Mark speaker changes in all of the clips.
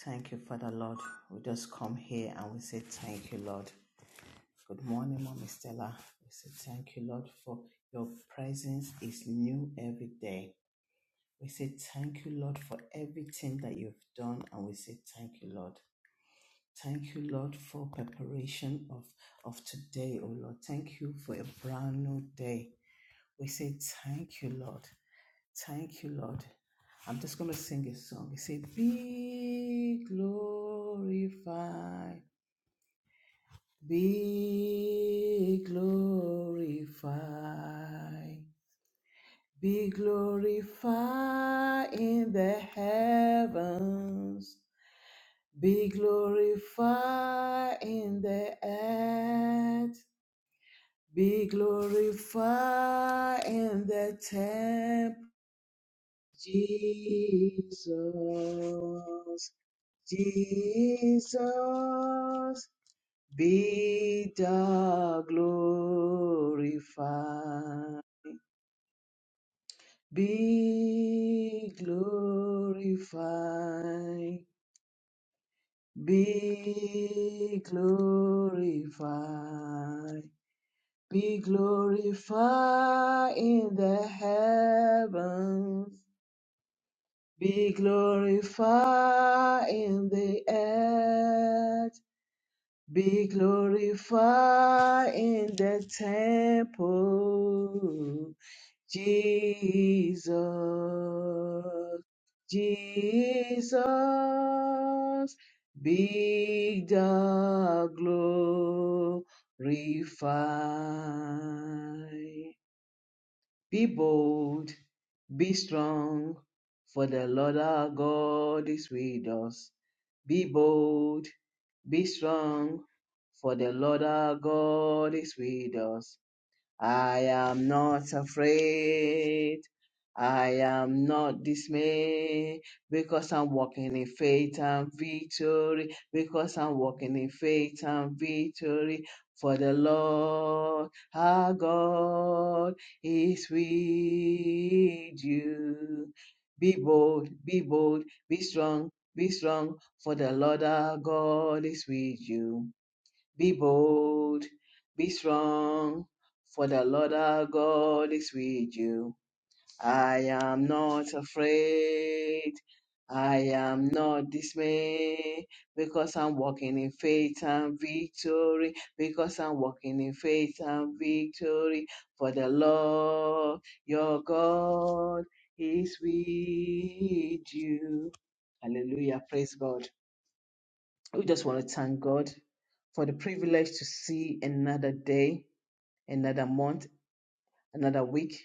Speaker 1: Thank you, Father Lord. We just come here and we say thank you, Lord. Good morning, Mommy Stella. We say thank you, Lord, for your presence is new every day. We say thank you, Lord, for everything that you've done, and we say thank you, Lord. Thank you, Lord, for preparation of, of today, oh Lord. Thank you for a brand new day. We say thank you, Lord. Thank you, Lord. I'm just going to sing a song. It said, Be glorified, be glorified, be glorified in the heavens, be glorified in the earth, be glorified in the temple, Jesus. Jesus be thou glorified, be glorified, be glorified, be glorified in the heavens, be glorified in the earth. Be glorified in the temple, Jesus. Jesus, be thou glorified. Be bold, be strong, for the Lord our God is with us. Be bold, be strong, for the Lord our God is with us. I am not afraid. I am not dismayed because I'm walking in faith and victory. Because I'm walking in faith and victory. For the Lord our God is with you. Be bold, be bold, be strong, be strong. For the Lord our God is with you. Be bold, be strong, for the Lord our God is with you. I am not afraid. I am not dismayed because I'm walking in faith and victory. Because I'm walking in faith and victory. For the Lord your God is with you. Hallelujah. Praise God. We just want to thank God for the privilege to see another day, another month, another week.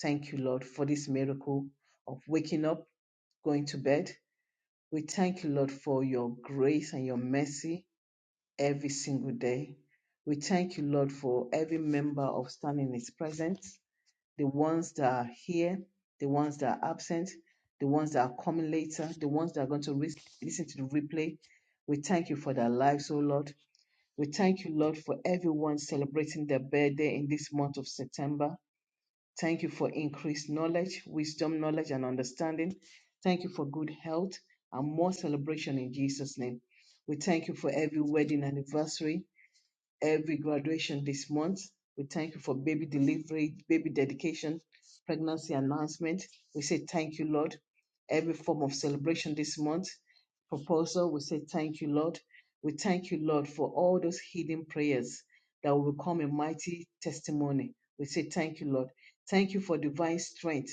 Speaker 1: Thank you, Lord, for this miracle of waking up, going to bed. We thank you, Lord, for your grace and your mercy every single day. We thank you, Lord, for every member of Standing in His presence, the ones that are here, the ones that are absent, the ones that are coming later, the ones that are going to re- listen to the replay. We thank you for their lives, oh Lord. We thank you, Lord, for everyone celebrating their birthday in this month of September. Thank you for increased knowledge, wisdom, knowledge, and understanding. Thank you for good health and more celebration in Jesus' name. We thank you for every wedding anniversary every graduation this month. We thank you for baby delivery, baby dedication, pregnancy announcement. We say thank you, Lord. Every form of celebration this month, proposal, we say thank you, Lord. We thank you, Lord, for all those hidden prayers that will become a mighty testimony. We say thank you, Lord. Thank you for divine strength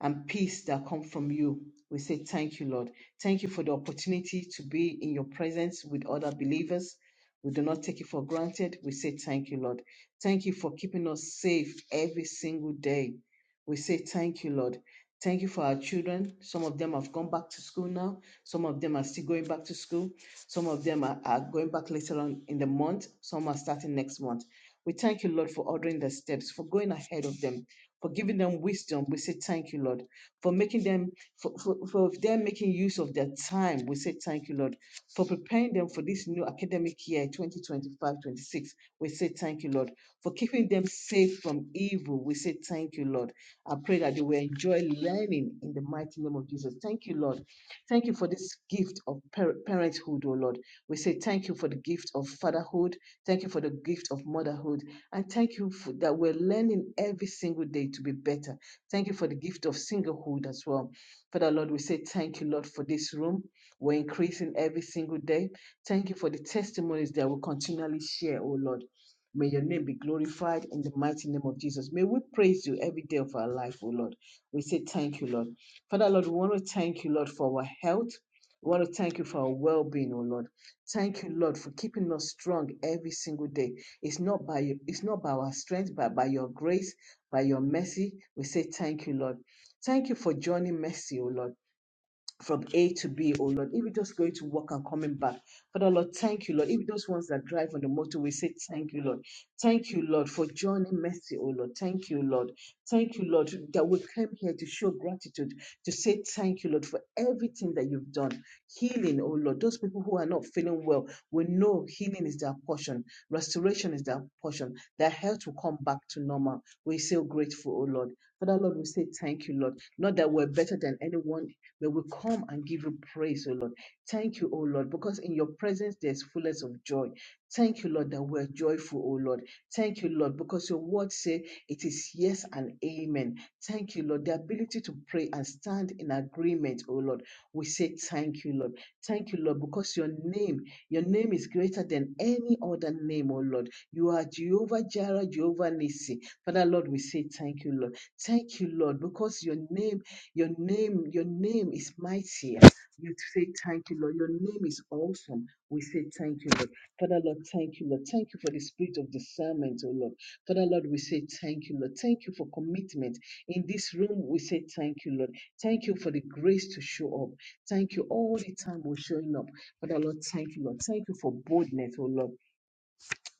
Speaker 1: and peace that come from you. We say thank you, Lord. Thank you for the opportunity to be in your presence with other believers. We do not take it for granted. We say thank you, Lord. Thank you for keeping us safe every single day. We say thank you, Lord. Thank you for our children. Some of them have gone back to school now. Some of them are still going back to school. Some of them are, are going back later on in the month. Some are starting next month. We thank you, Lord, for ordering the steps, for going ahead of them for giving them wisdom. We say thank you, Lord. For making them, for, for, for them making use of their time. We say thank you, Lord. For preparing them for this new academic year 2025, 26. We say thank you, Lord. For keeping them safe from evil. We say thank you, Lord. I pray that they will enjoy learning in the mighty name of Jesus. Thank you, Lord. Thank you for this gift of par- parenthood, oh Lord. We say thank you for the gift of fatherhood. Thank you for the gift of motherhood. And thank you for that we're learning every single day to be better. Thank you for the gift of singlehood as well. Father Lord, we say thank you, Lord, for this room. We're increasing every single day. Thank you for the testimonies that we continually share, oh Lord. May your name be glorified in the mighty name of Jesus. May we praise you every day of our life, oh Lord. We say thank you, Lord. Father Lord, we want to thank you, Lord, for our health. We want to thank you for our well being, oh Lord. Thank you, Lord, for keeping us strong every single day. It's not by you, it's not by our strength, but by your grace, by your mercy. We say thank you, Lord. Thank you for joining mercy, O Lord from A to B, oh Lord. Even just going to work and coming back. Father, Lord, thank you, Lord. Even those ones that drive on the motorway, say thank you, Lord. Thank you, Lord, for journey mercy, oh Lord. Thank you, Lord. Thank you, Lord, that we came here to show gratitude, to say thank you, Lord, for everything that you've done. Healing, oh Lord. Those people who are not feeling well, we know healing is their portion. Restoration is their portion. Their health will come back to normal. We're so grateful, oh Lord. Father, Lord, we say thank you, Lord. Not that we're better than anyone May we come and give you praise, O Lord. Thank you, O Lord, because in your presence there's fullness of joy. Thank you, Lord, that we're joyful, O Lord. Thank you, Lord, because your word says it is yes and amen. Thank you, Lord, the ability to pray and stand in agreement, O Lord. We say thank you, Lord. Thank you, Lord, because your name, your name is greater than any other name, O Lord. You are Jehovah Jireh, Jehovah Nissi. Father, Lord, we say thank you, Lord. Thank you, Lord, because your name your name, your name is mighty. You say thank you, Lord. Your name is awesome. We say thank you, Lord. Father, Lord, thank you, Lord. Thank you for the spirit of discernment, oh Lord. Father, Lord, we say thank you, Lord. Thank you for commitment. In this room, we say thank you, Lord. Thank you for the grace to show up. Thank you all the time we're showing up. Father, Lord, thank you, Lord. Thank you for boldness, oh Lord.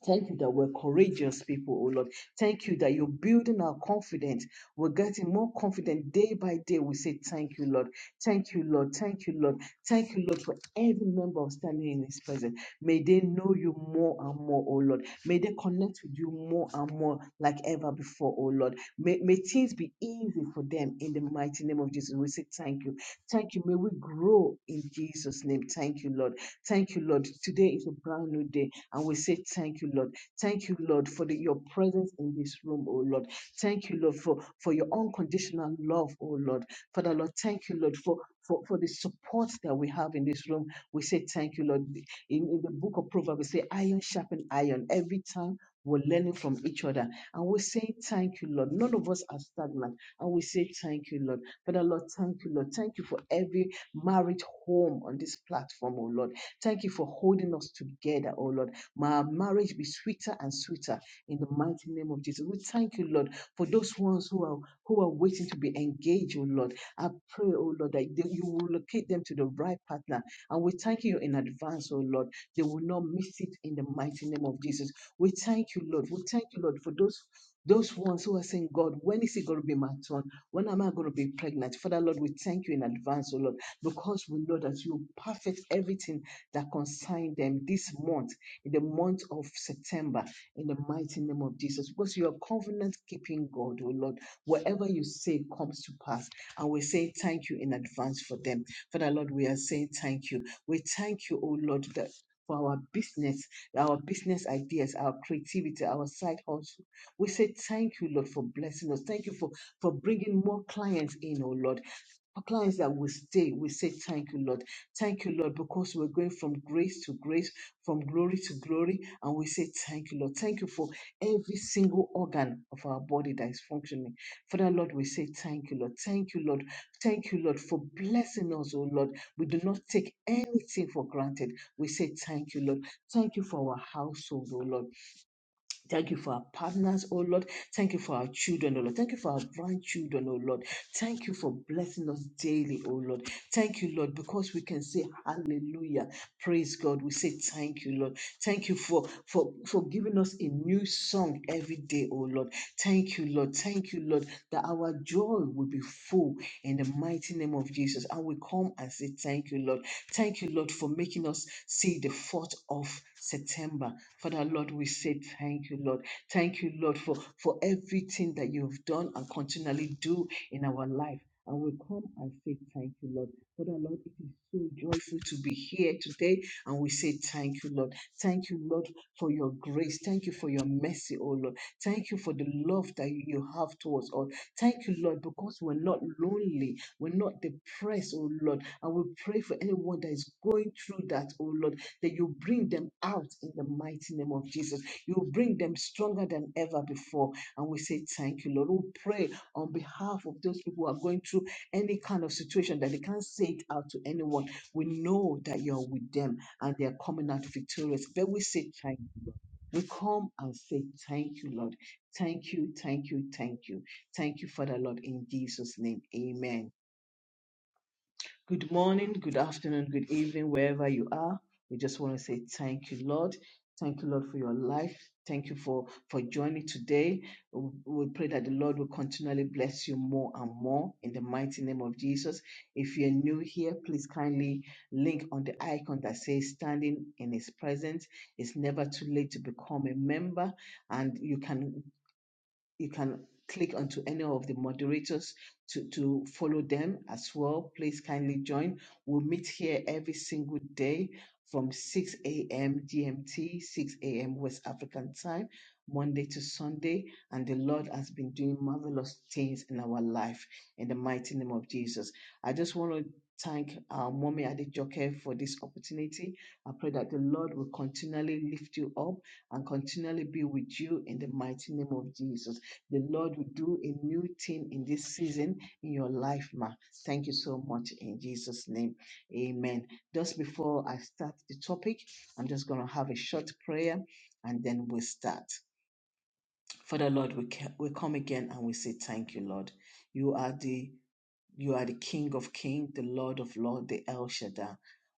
Speaker 1: Thank you that we're courageous people, oh Lord. Thank you that you're building our confidence. We're getting more confident day by day. We say, Thank you, Lord. Thank you, Lord. Thank you, Lord. Thank you, Lord, for every member of standing in His presence. May they know you more and more, oh Lord. May they connect with you more and more like ever before, oh Lord. May, may things be easy for them in the mighty name of Jesus. We say, Thank you. Thank you. May we grow in Jesus' name. Thank you, Lord. Thank you, Lord. Today is a brand new day. And we say, Thank you, Lord. Thank you, Lord, for the, your presence in this room, oh Lord. Thank you, Lord, for, for your unconditional love, oh Lord. Father, Lord, thank you, Lord, for, for, for the support that we have in this room. We say, Thank you, Lord. In, in the book of Proverbs, we say, Iron sharpen iron. Every time we're learning from each other. And we say, Thank you, Lord. None of us are stagnant. And we say, Thank you, Lord. Father, Lord, thank you, Lord. Thank you for every married home on this platform, oh Lord. Thank you for holding us together, oh Lord. May our marriage be sweeter and sweeter in the mighty name of Jesus. We thank you, Lord, for those ones who are who are waiting to be engaged, oh Lord. I pray, oh Lord, that they- you will locate them to the right partner. And we thank you in advance, oh Lord. They will not miss it in the mighty name of Jesus. We thank you, Lord. We thank you, Lord, for those those ones who are saying, God, when is it going to be my turn? When am I going to be pregnant? Father, Lord, we thank you in advance, oh Lord, because we know that you perfect everything that concerns them this month in the month of September in the mighty name of Jesus because you are covenant keeping God, oh Lord. Whatever you say comes to pass. And we say thank you in advance for them. Father, Lord, we are saying thank you. We thank you, oh Lord, that for our business, our business ideas, our creativity, our side hustle. We say thank you, Lord, for blessing us. Thank you for, for bringing more clients in, oh Lord. For clients that will stay, we say thank you, Lord. Thank you, Lord, because we're going from grace to grace from glory to glory. And we say, Thank you, Lord. Thank you for every single organ of our body that is functioning. Father, Lord, we say, Thank you, Lord. Thank you, Lord. Thank you, Lord, for blessing us, oh Lord. We do not take anything for granted. We say, Thank you, Lord. Thank you for our household, oh Lord. Thank you for our partners, oh Lord. Thank you for our children, oh Lord. Thank you for our grandchildren, oh Lord. Thank you for blessing us daily, oh Lord. Thank you, Lord, because we can say hallelujah. Praise God. We say thank you, Lord. Thank you for for for giving us a new song every day, oh Lord. Thank you, Lord. Thank you, Lord, that our joy will be full in the mighty name of Jesus. And we come and say thank you, Lord. Thank you, Lord, for making us see the 4th of September. Father, Lord, we say thank you, Lord. Thank you, Lord, for, for everything that you've done and continually do in our life. And we come and say thank you, Lord. Father, Lord, it is so joyful to be here today. And we say thank you, Lord. Thank you, Lord, for your grace. Thank you for your mercy, oh Lord. Thank you for the love that you have towards us. Thank you, Lord, because we're not lonely. We're not depressed, oh Lord. And we pray for anyone that is going through that, oh Lord that you bring them out in the mighty name of Jesus. You bring them stronger than ever before. And we say, Thank you, Lord. We pray on behalf of those people who are going through any kind of situation that they can't say it out to anyone. We know that you're with them and they're coming out victorious. But we say, Thank you, Lord. We come and say, Thank you, Lord. Thank you, thank you, thank you. Thank you, Father, Lord, in Jesus' name. Amen. Good morning, good afternoon, good evening, wherever you are. We just want to say thank you, Lord. Thank you, Lord, for your life. Thank you for for joining today. We we pray that the Lord will continually bless you more and more in the mighty name of Jesus. If you're new here, please kindly link on the icon that says "Standing in His Presence." It's never too late to become a member, and you can you can click onto any of the moderators to, to follow them as well. Please kindly join. We'll meet here every single day from 6 a.m. GMT, 6 a.m. West African time, Monday to Sunday. And the Lord has been doing marvelous things in our life in the mighty name of Jesus. I just want to thank our mommy Adejoke for this opportunity. I pray that the Lord will continually lift you up and continually be with you in the mighty name of Jesus. The Lord will do a new thing in this season in your life, ma. Thank you so much in Jesus' name. Amen. Just before I start the topic, I'm just going to have a short prayer and then we'll start. Father Lord, we, ca- we come again and we say thank you, Lord. You are the you are the King of Kings, the Lord of Lords, the El Shaddai.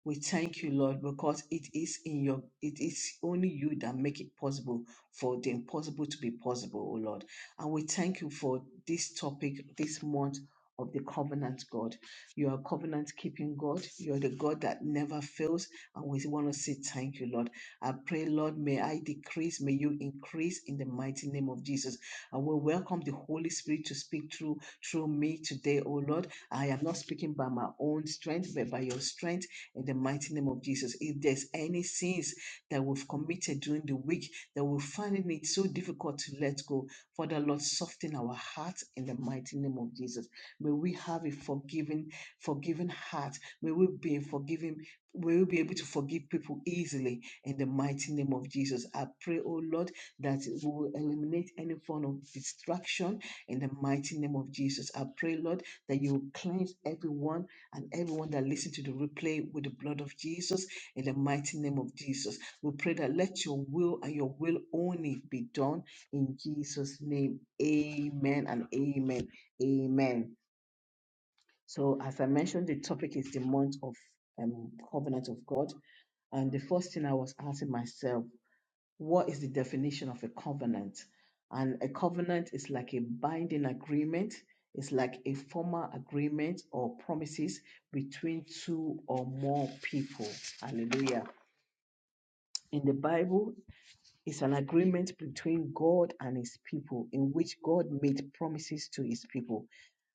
Speaker 1: We thank you, Lord, because it is in your it is only you that make it possible for the impossible to be possible, O Lord. And we thank you for this topic this month of the covenant God. You are covenant keeping God. You are the God that never fails. And we want to say thank you, Lord. I pray, Lord, may I decrease, may you increase in the mighty name of Jesus. And we welcome the Holy Spirit to speak through through me today, O Lord. I am not speaking by my own strength, but by your strength in the mighty name of Jesus. If there's any sins that we've committed during the week that we're finding it so difficult to let go, Father Lord, soften our hearts in the mighty name of Jesus. May we have a forgiving, forgiving heart. May we be a forgiving. May we will be able to forgive people easily in the mighty name of Jesus. I pray, oh Lord, that we will eliminate any form of distraction in the mighty name of Jesus. I pray, Lord that you cleanse everyone and everyone that listens to the replay with the blood of Jesus in the mighty name of Jesus. We pray that let your will and your will only be done in Jesus' name. Amen and amen. Amen. So, as I mentioned, the topic is the month of um, covenant of God. And the first thing I was asking myself what is the definition of a covenant? And a covenant is like a binding agreement, it's like a formal agreement or promises between two or more people. Hallelujah. In the Bible, it's an agreement between God and his people in which God made promises to his people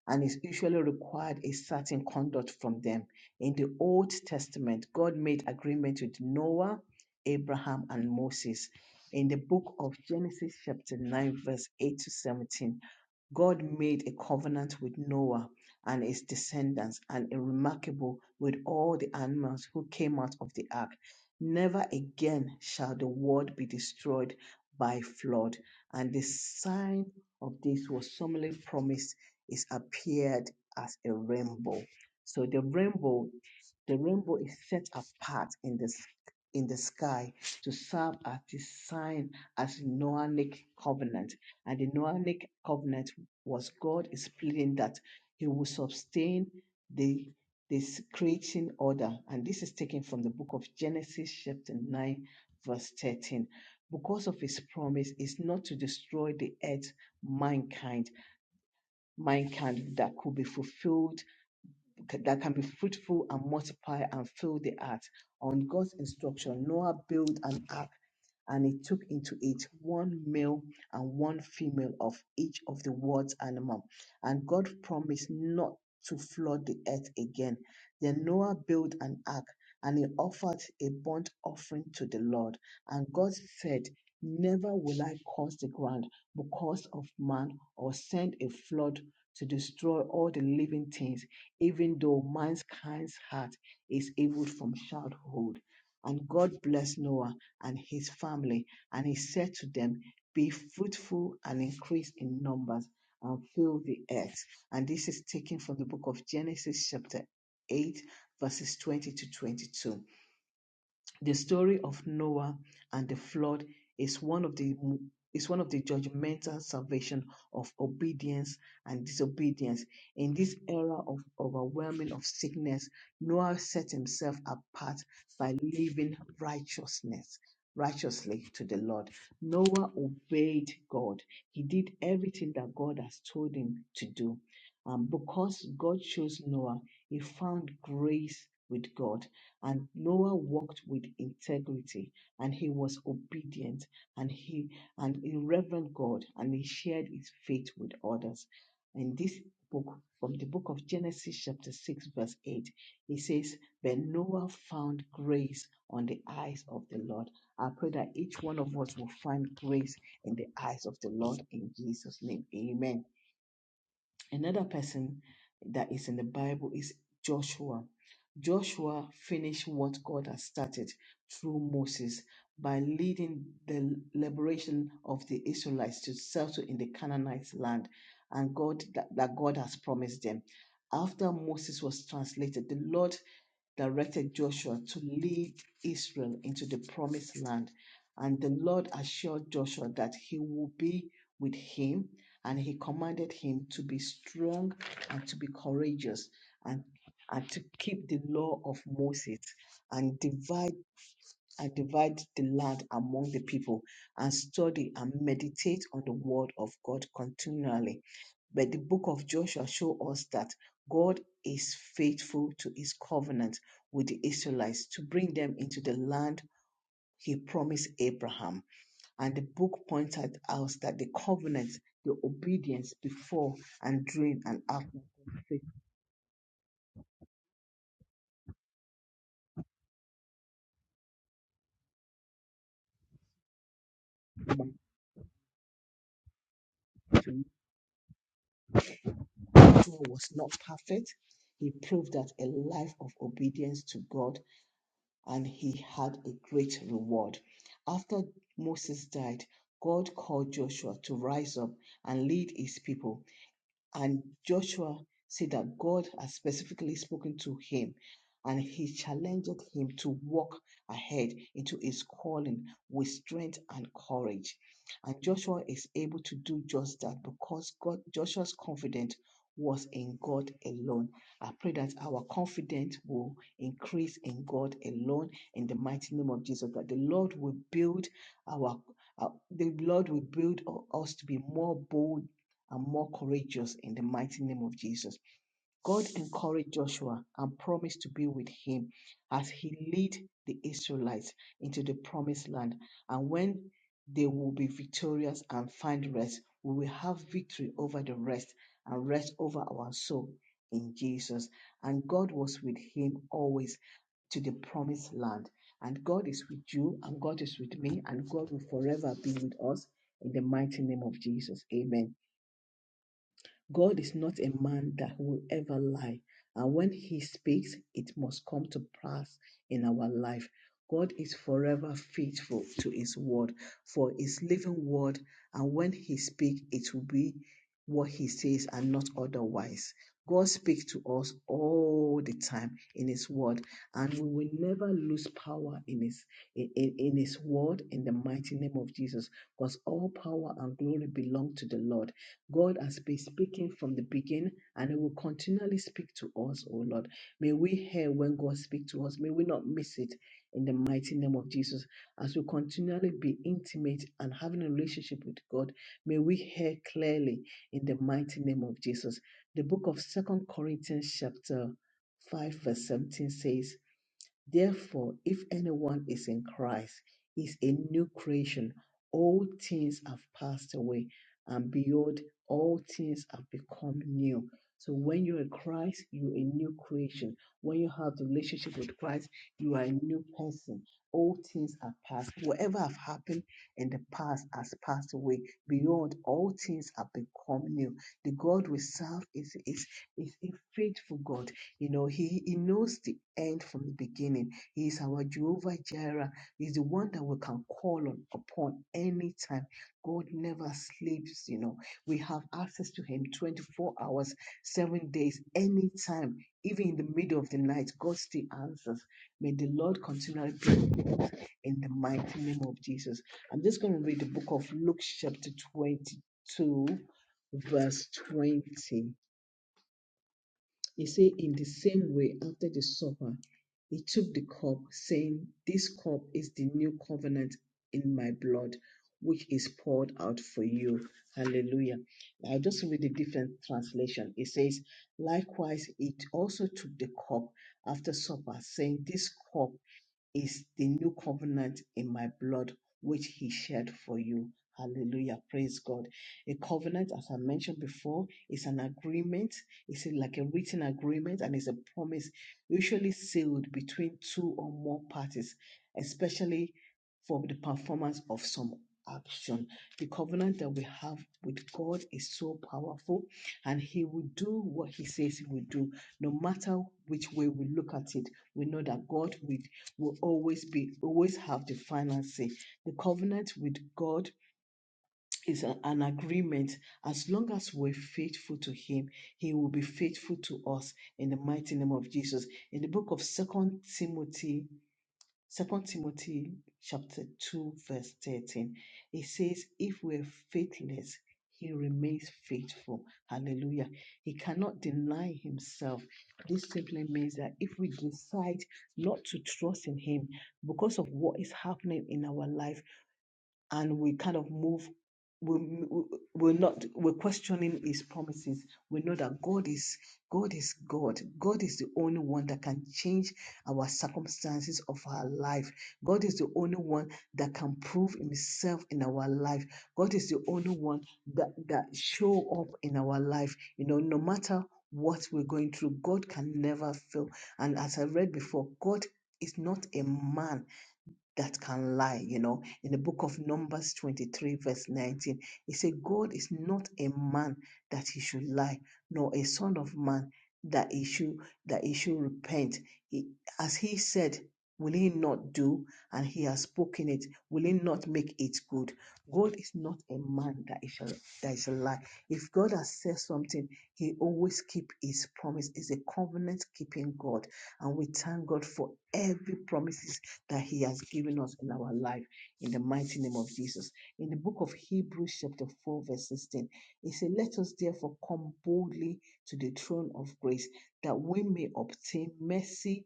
Speaker 1: and it usually required a certain conduct from them. In the Old Testament, God made agreement with Noah, Abraham, and Moses. In the book of Genesis, chapter 9, verse 8 to 17, God made a covenant with Noah and his descendants, and a remarkable with all the animals who came out of the ark. Never again shall the world be destroyed by flood. And the sign of this was solemnly promised is appeared as a rainbow. So the rainbow, the rainbow is set apart in the s- in the sky to serve as the sign as the Noahic covenant. And the Noahic covenant was God is pleading that He will sustain the this creating order. And this is taken from the book of Genesis, chapter 9, verse 13. Because of his promise is not to destroy the earth, mankind mind can that could be fulfilled, that can be fruitful and multiply and fill the earth. On God's instruction, Noah built an ark and he took into it one male and one female of each of the wild animal. And God promised not to flood the earth again. Then Noah built an ark and he offered a burnt offering to the Lord. And God said, Never will I curse the ground because of man or send a flood to destroy all the living things, even though man's kind's heart is evil from childhood. And God blessed Noah and his family. And he said to them, Be fruitful and increase in numbers and fill the earth. And this is taken from the book of Genesis, chapter 8, verses 20 to 22. The story of Noah and the flood is one of the is one of the judgmental salvation of obedience and disobedience. In this era of overwhelming of sickness, Noah set himself apart by living righteousness, righteously to the Lord. Noah obeyed God. He did everything that God has told him to do. And because God chose Noah, he found grace with God. And Noah walked with integrity and he was obedient and he and he reverenced God and he shared his faith with others. In this book, from the book of Genesis, chapter 6, verse 8, he says, But Noah found grace on the eyes of the Lord. I pray that each one of us will find grace in the eyes of the Lord in Jesus' name. Amen. Another person that is in the Bible is Joshua. Joshua finished what God had started through Moses by leading the liberation of the Israelites to settle in the Canaanite land and God that, that God has promised them. After Moses was translated, the Lord directed Joshua to lead Israel into the promised land. And the Lord assured Joshua that he would be with him, and he commanded him to be strong and to be courageous and, and to keep the law of Moses and divide and divide the land among the people, and study and meditate on the word of God continually. But the book of Joshua shows us that God is faithful to his covenant with the Israelites to bring them into the land he promised Abraham. And the book pointed out that the covenant, the obedience before and during and after God's faithful to Noah was not perfect. He proved that a life of obedience to God and he had a great reward. After Moses died, God called Joshua to rise up and lead his people. And Joshua said that God had specifically spoken to him and he challenged him to walk ahead into his calling with strength and courage. And Joshua is able to do just that because God, Joshua's confidence was in God alone. I pray that our confidence will increase in God alone in the mighty name of Jesus, that the Lord will build our, uh, the Lord will build u- us to be more bold and more courageous in the mighty name of Jesus. God encouraged Joshua and promised to be with him as he led the Israelites into the promised land. And when they will be victorious and find rest, we will have victory over the rest and rest over our soul in Jesus. And God was with him always to the promised land. And God is with you, and God is with me, and God will forever be with us in the mighty name of Jesus. Amen. God is not a man that will ever lie. And when he speaks, it must come to pass in our life. God is forever faithful to his word, for his living word, and when he speaks, it will be what he says and not otherwise. God speaks to us all the time in his word, and we will never lose power in his in, in his word in the mighty name of Jesus, because all power and glory belong to the Lord. God has been speaking from the beginning and He will continually speak to us, O Lord. May we hear when God speaks to us. May we not miss it in the mighty name of Jesus. As we continually be intimate and having a relationship with God, may we hear clearly in the mighty name of Jesus. The book of Second Corinthians, chapter 5, verse 17 says, Therefore, if anyone is in Christ, he is a new creation. All things have passed away, and behold, all things have become new. So, when you're in Christ, you're a new creation. When you have the relationship with Christ, you are a new person. All things are past. Whatever have happened in the past has passed away. Beyond, all things have become new. The God we serve is, is, is a faithful God. You know, he, he knows the end from the beginning. He is our Jehovah Jireh. He's the one that we can call on upon anytime. God never sleeps, you know. We have access to him 24 hours, seven days, anytime, even in the middle of the night. God still answers. May the Lord continually bring us in the mighty name of Jesus. I'm just going to read the book of Luke, chapter 22, verse 20. He said, In the same way, after the supper, he took the cup, saying, This cup is the new covenant in my blood, which is poured out for you. Hallelujah. I'll just read a different translation. It says, Likewise, it also took the cup after supper, saying, This cup is the new covenant in my blood, which he shed for you. Hallelujah. Praise God. A covenant, as I mentioned before, is an agreement. It's like a written agreement and it's a promise usually sealed between two or more parties, especially for the performance of some action. The covenant that we have with God is so powerful and he will do what he says he will do. No matter which way we look at it, we know that God will will always be always have the financing. The covenant with God is a- an agreement. As long as we're faithful to Him, He will be faithful to us in the mighty name of Jesus. In the book of Second Timothy Second Timothy chapter 2 verse 13. It says, if we're faithless, he remains faithful. Hallelujah. He cannot deny himself. This simply means that if we decide not to trust in him because of what is happening in our life, and we kind of move we- we- we're not we're questioning his promises we know that god is god is god god is the only one that can change our circumstances of our life god is the only one that can prove himself in our life god is the only one that that show up in our life you know no matter what we're going through god can never fail and as i read before god is not a man that can lie, you know. In the book of Numbers 23, verse 19, it said, God is not a man that he should lie, nor a son of man that he should that he should repent. He, as he said, will he not do? And he has spoken it, will he not make it good? God is not a man that he shall that he shall lie. If God has said something, he always keep his promise. Is a covenant keeping God. And we thank God for every promise that He has given us in our life in the mighty name of Jesus. In the book of Hebrews, chapter 4, verse 16, it says, Let us therefore come boldly to the throne of grace that we may obtain mercy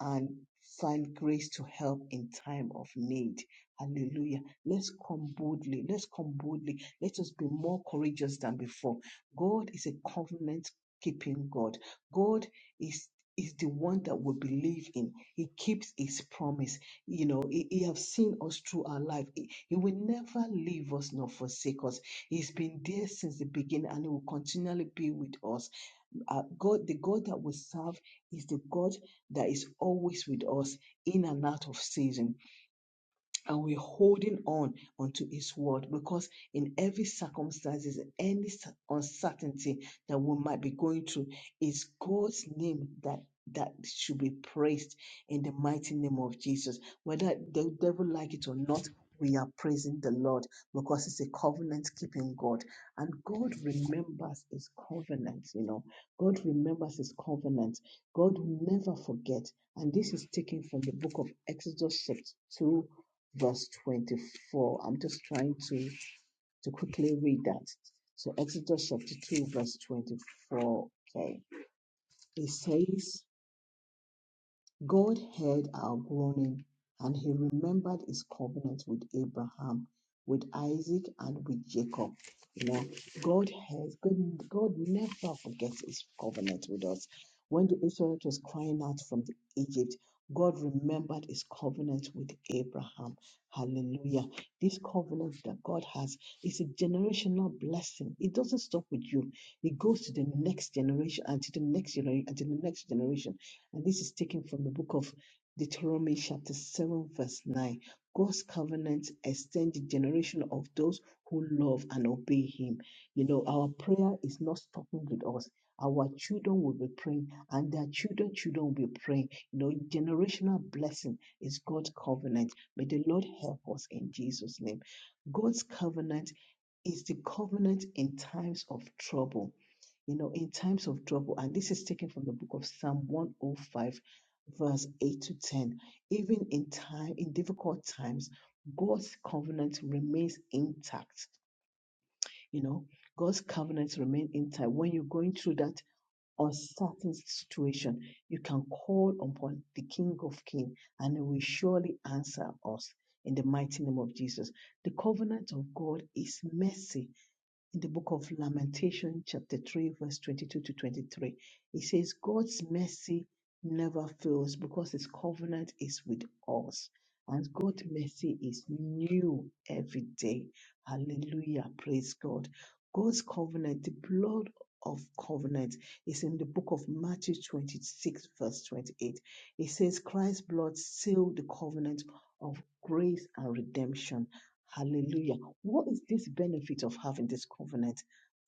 Speaker 1: and find grace to help in time of need. Hallelujah. Let's come boldly. Let's come boldly. Let us be more courageous than before. God is a covenant keeping God. God is is the one that we believe in. He keeps his promise. You know, he, he have seen us through our life. He, he will never leave us nor forsake us. He's been there since the beginning and he will continually be with us uh, God, the God that we serve is the God that is always with us in and out of season and we're holding on onto his word because in every circumstances any cer- uncertainty that we might be going through is god's name that that should be praised in the mighty name of jesus whether the devil like it or not we are praising the lord because it's a covenant keeping god and god remembers his covenant you know god remembers his covenant god will never forget and this is taken from the book of exodus chapter 2 verse 24. I'm just trying to, to quickly read that. So Exodus chapter 2, verse 24. Okay. It says, God heard our groaning, and he remembered his covenant with Abraham, with Isaac, and with Jacob. You know, God has God, God never forgets his covenant with us. When the Israelites was crying out from the Egypt, God remembered his covenant with Abraham. Hallelujah. This covenant that God has is a generational blessing. It doesn't stop with you. It goes to the next generation and to the next generation and to the next generation and this is taken from the book of Deuteronomy, chapter 7, verse 9. God's covenant extends the generation of those who love and obey Him. You know, our prayer is not stopping with us. Our children will be praying, and their children, children will be praying. You know, generational blessing is God's covenant. May the Lord help us in Jesus' name. God's covenant is the covenant in times of trouble you know, in times of trouble. And this is taken from the book of Psalm 105, verse 8 to 10. Even in time, in difficult times, God's covenant remains intact. You know, God's covenant remains intact. When you're going through that uncertain situation, you can call upon the King of Kings and he will surely answer us in the mighty name of Jesus. The covenant of God is mercy in the book of Lamentation, chapter 3, verse 22 to 23. It says, God's mercy never fails because his covenant is with us. And God's mercy is new every day. Hallelujah. Praise God. God's covenant, the blood of covenant, is in the book of Matthew 26, verse 28. It says, Christ's blood sealed the covenant of grace and redemption. Hallelujah. What is this benefit of having this covenant?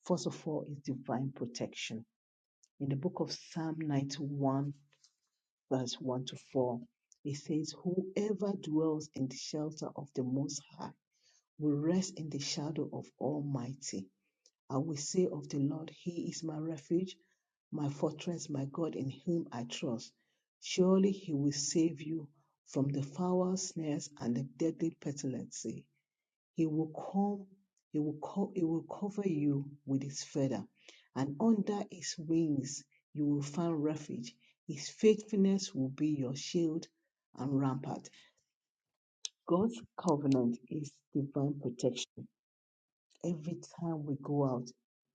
Speaker 1: First of all, is divine protection. In the book of Psalm 91, verse 1 to 4, it says, Whoever dwells in the shelter of the Most High will rest in the shadow of Almighty. I will say of the Lord, He is my refuge, my fortress, my God, in whom I trust. Surely He will save you from the foul snares and the deadly pestilence. He will come, he will co- he will cover you with his feather, and under his wings you will find refuge. His faithfulness will be your shield and rampart. God's covenant is divine protection. Every time we go out,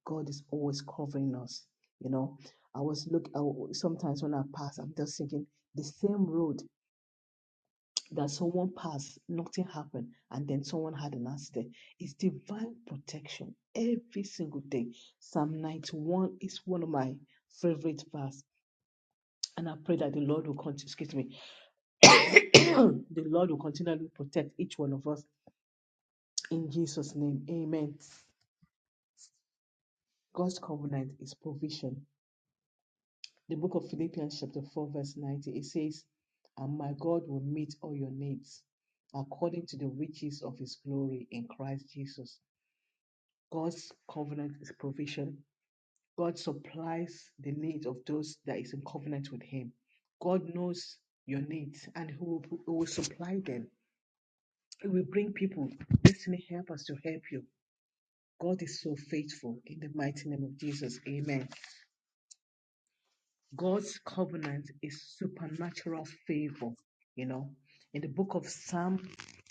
Speaker 1: God is always covering us. You know, I was look. I, wa- sometimes when I pass, I'm just thinking the same road that someone passed, nothing happened, and then someone had an accident. It's divine protection every single day. Psalm 91 is one of my favorite verse, and I pray that the Lord will continue, excuse me, the Lord will continually protect each one of us in Jesus' name. Amen. God's covenant is provision. The book of Philippians, chapter 4, verse 90, it says, And my God will meet all your needs according to the riches of his glory in Christ Jesus. God's covenant is provision. God supplies the needs of those that is in covenant with Him. God knows your needs and He will, He will supply them. He will bring people. Destiny help us to help you. God is so faithful in the mighty name of Jesus. Amen. God's covenant is supernatural favor. You know, in the book of Psalm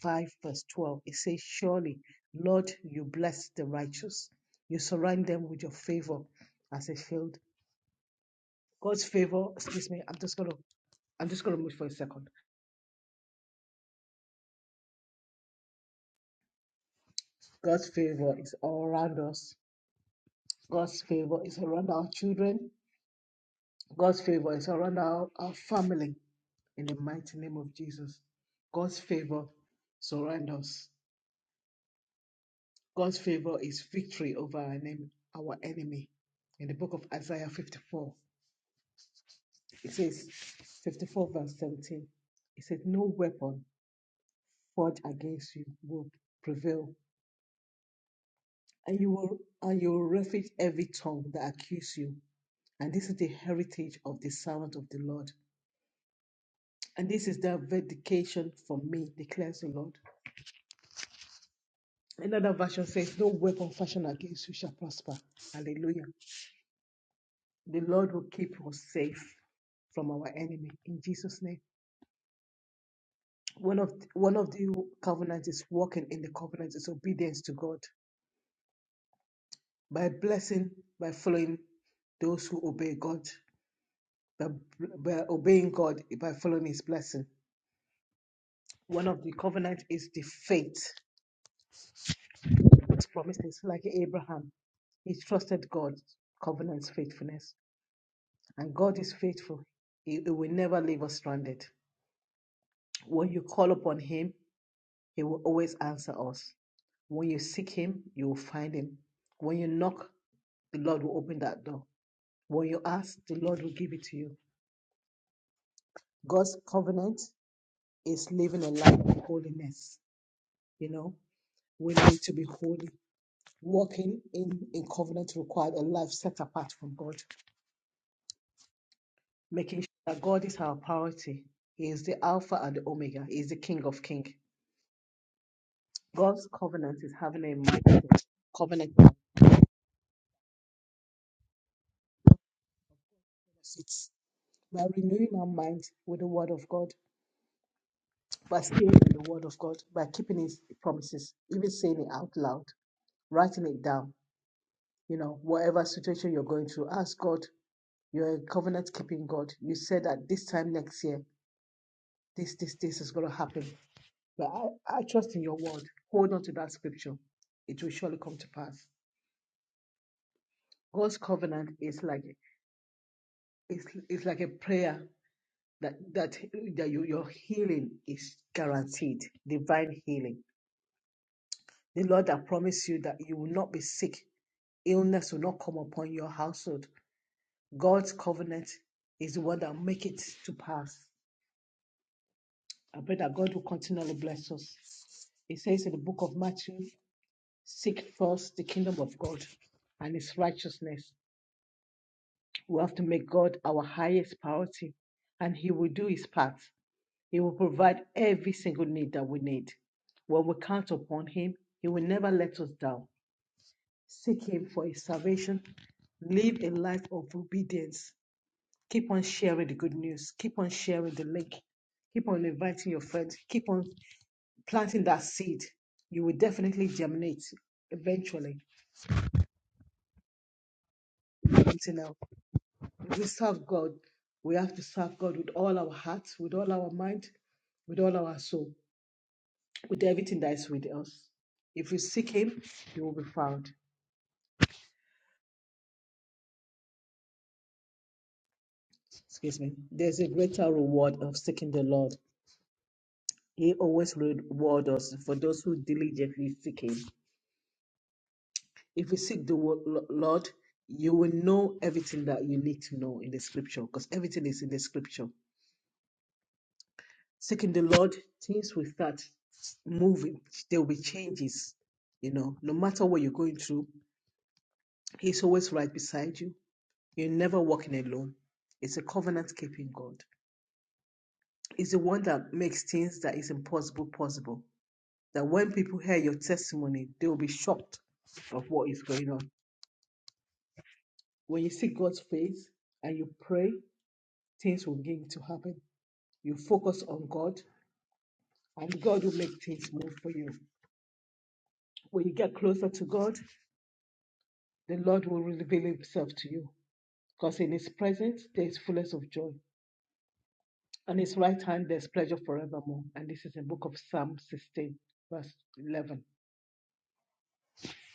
Speaker 1: 5, verse 12, it says, Surely, Lord, you bless the righteous. You surround them with your favor as a shield God's favor, excuse me, I'm just gonna I'm just gonna move for a second. God's favor is all around us. God's favor is around our children. God's favor is around our, our family in the mighty name of Jesus. God's favor surround us. God's favor is victory over our enemy, our enemy. In the book of Isaiah 54, it says 54 verse 17, it says, No weapon forged against you will prevail and you will and you will refute every tongue that accuses you. And this is the heritage of the servant of the Lord. And this is their vindication for me, declares the Lord. Another version says, No weapon fashioned against you shall prosper. Hallelujah. The Lord will keep us safe from our enemy in Jesus' name. One of the, one of the covenants is walking in the covenant is obedience to God by blessing, by following those who obey God, by, by obeying God, by following His blessing. One of the covenant is the faith, God's promises, like Abraham. He trusted God's covenant's faithfulness. And God is faithful. He, he will never leave us stranded. When you call upon Him, He will always answer us. When you seek Him, you will find Him. When you knock, the Lord will open that door. When you ask, the Lord will give it to you. God's covenant is living a life of holiness. You know, we need to be holy walking in, in covenant required a life set apart from God, making sure that God is our priority. He is the Alpha and the Omega. He is the King of Kings. God's covenant is having a mindset. Covenant benefits by renewing our mind with the Word of God, by staying in the Word of God, by keeping His promises, even saying it out loud, writing it down. You know, whatever situation you're going through, ask God. You're a covenant keeping God. You said that this time next year, this, this, this is going to happen But I, I trust in your word. Hold on to that scripture. It will surely come to pass. God's covenant is like it's, it's like a prayer that that that you, your healing is guaranteed, divine healing. The Lord that promised you that you will not be sick, illness will not come upon your household. God's covenant is the one that make it to pass. I pray that God will continually bless us. It says in the book of Matthew, seek first the kingdom of God and his righteousness, We have to make God our highest priority, and He will do His part. He will provide every single need that we need. When we count upon Him, He will never let us down. Seek Him for His salvation. Live a life of obedience. Keep on sharing the good news. Keep on sharing the link. Keep on inviting your friends. Keep on planting that seed. You will definitely germinate eventually. Something else. we serve God, we have to serve God with all our hearts, with all our mind, with all our soul, with everything that is with us. If we seek Him, He will be found. Excuse me. There's a greater reward of seeking the Lord. He always rewards us for those who diligently seek Him. If we seek the wo- Lo- Lord, you will know everything that you need to know in the Scripture, because everything is in the Scripture. seeking the Lord, things will start moving. There will be changes. You know, no matter what you're going through, He's always right beside you. You're never walking alone. It's a covenant keeping God. It's the one that makes things that is impossible possible. That when people hear your testimony, they will be shocked of what is going on. When you seek God's face and you pray, things will begin to happen. You focus on God, and God will make things move for you. When you get closer to God, the Lord will reveal himself to you. Because in his presence there is fullness of joy. On his right hand there's pleasure forevermore. And this is in book of Psalm 16, verse 11.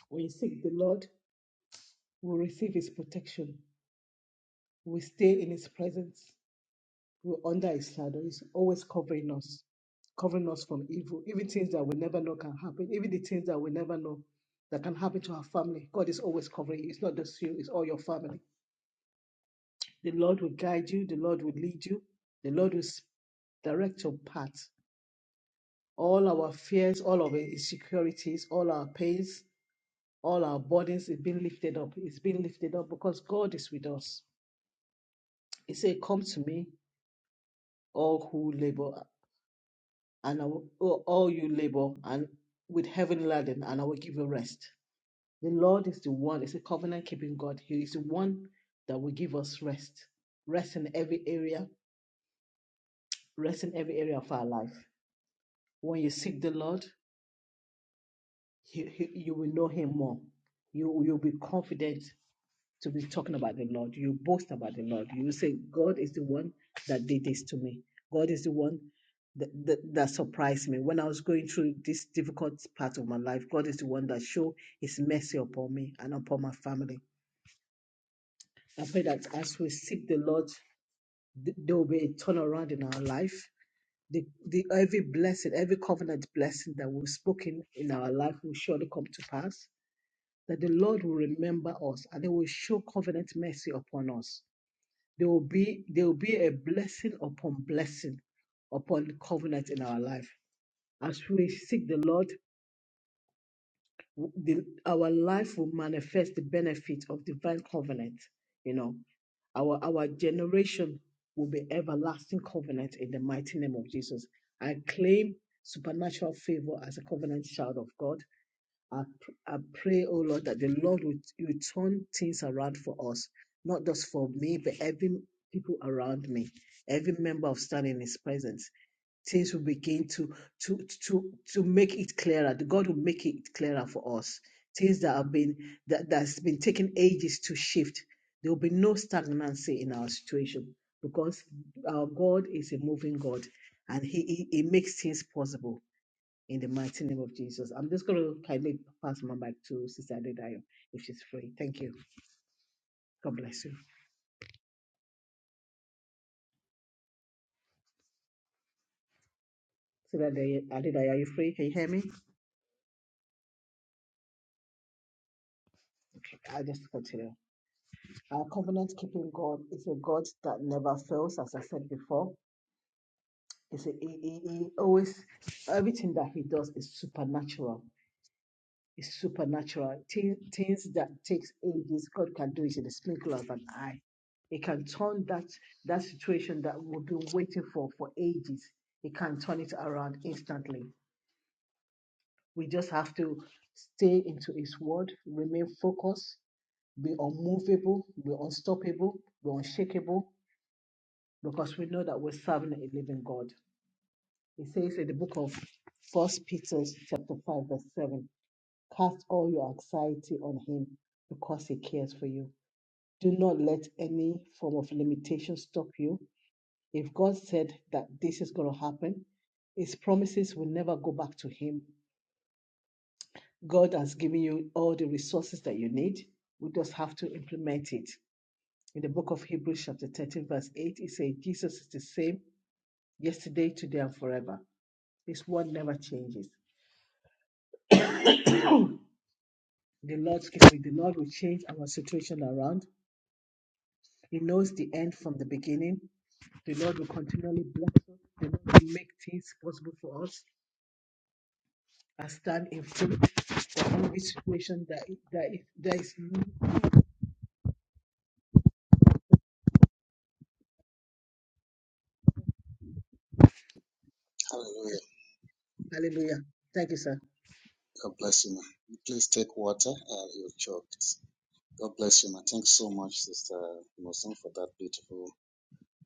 Speaker 1: When you seek the Lord, we will receive his protection. We will stay in his presence. We're under his shadow. He's always covering us, covering us from evil. Even things that we never know can happen. Even the things that we never know that can happen to our family. God is always covering you. It's not just you, it's all your family. The Lord will guide you. The Lord will lead you. The Lord will s- direct your path. All our fears, all our insecurities, all our pains, all our burdens is being lifted up. It's being lifted up because God is with us. He said, Come to me, all who labor, and I will, all all you labor, and with heavy laden, and I will give you rest. The Lord is the one, it's a covenant keeping God. He is the one that will give us rest. Rest in every area, rest in every area of our life. When you seek the Lord, he, he, you will know Him more. You, you'll be confident to be talking about the Lord. You boast about the Lord. You will say, God is the one that did this to me. God is the one that, that, that surprised me. When I was going through this difficult part of my life, God is the one that showed his mercy upon me and upon my family. I pray that as we seek the Lord, th- there will be a turnaround in our life. The, the every blessing, every covenant blessing that we've spoken in our life will surely come to pass. That the Lord will remember us and they will show covenant mercy upon us. There will be there will be a blessing upon blessing upon covenant in our life. As we seek the Lord the, our life will manifest the benefit of divine covenant. You know, our our generation will be everlasting covenant in the mighty name of Jesus. I claim supernatural favor as a covenant child of God. I, pr- I pray, oh Lord, that the Lord will, will turn things around for us, not just for me, but every people around me, every member of standing in His presence things will begin to to to to make it clearer. The God will make it clearer for us. Things that have been that that's been taking ages to shift. There will be no stagnancy in our situation because our God is a moving God, and He He, he makes things possible in the mighty name of Jesus. I'm just going to kindly pass my mic to Sister Adedayo if she's free. Thank you. God bless you. Sister Adedayo, Adedayo, are you free? Can you hear me? I just continue. Our covenant keeping God is a God that never fails, as I said before. He's a, he, he, he always, everything that he does is supernatural. It's supernatural. Things, things that takes ages, God can do it in the twinkle of an eye. He can turn that, that situation that we've been waiting for for ages. He can turn it around instantly. We just have to stay into his word, remain focused, be unmovable, be unstoppable, be unshakable, because we know that we're serving a living God. It says in the book of First Peter chapter five verse seven, cast all your anxiety on him because he cares for you. Do not let any form of limitation stop you. If God said that this is going to happen, his promises will never go back to him. God has given you all the resources that you need. We just have to implement it. In the book of Hebrews chapter 13 verse 8, it says Jesus is the same yesterday, today and forever. His word never changes. The Lord, excuse me, the Lord will change our situation around. He knows the end from the beginning. The Lord will continually bless us. The Lord will make things possible for us. I stand in faith for every situation that that there is. no-
Speaker 2: Hallelujah.
Speaker 1: Hallelujah. Thank you, sir.
Speaker 2: God bless you, man. Please take water. Uh, you're choked. God bless you, man. Thanks so much, Sister Muslim, for that beautiful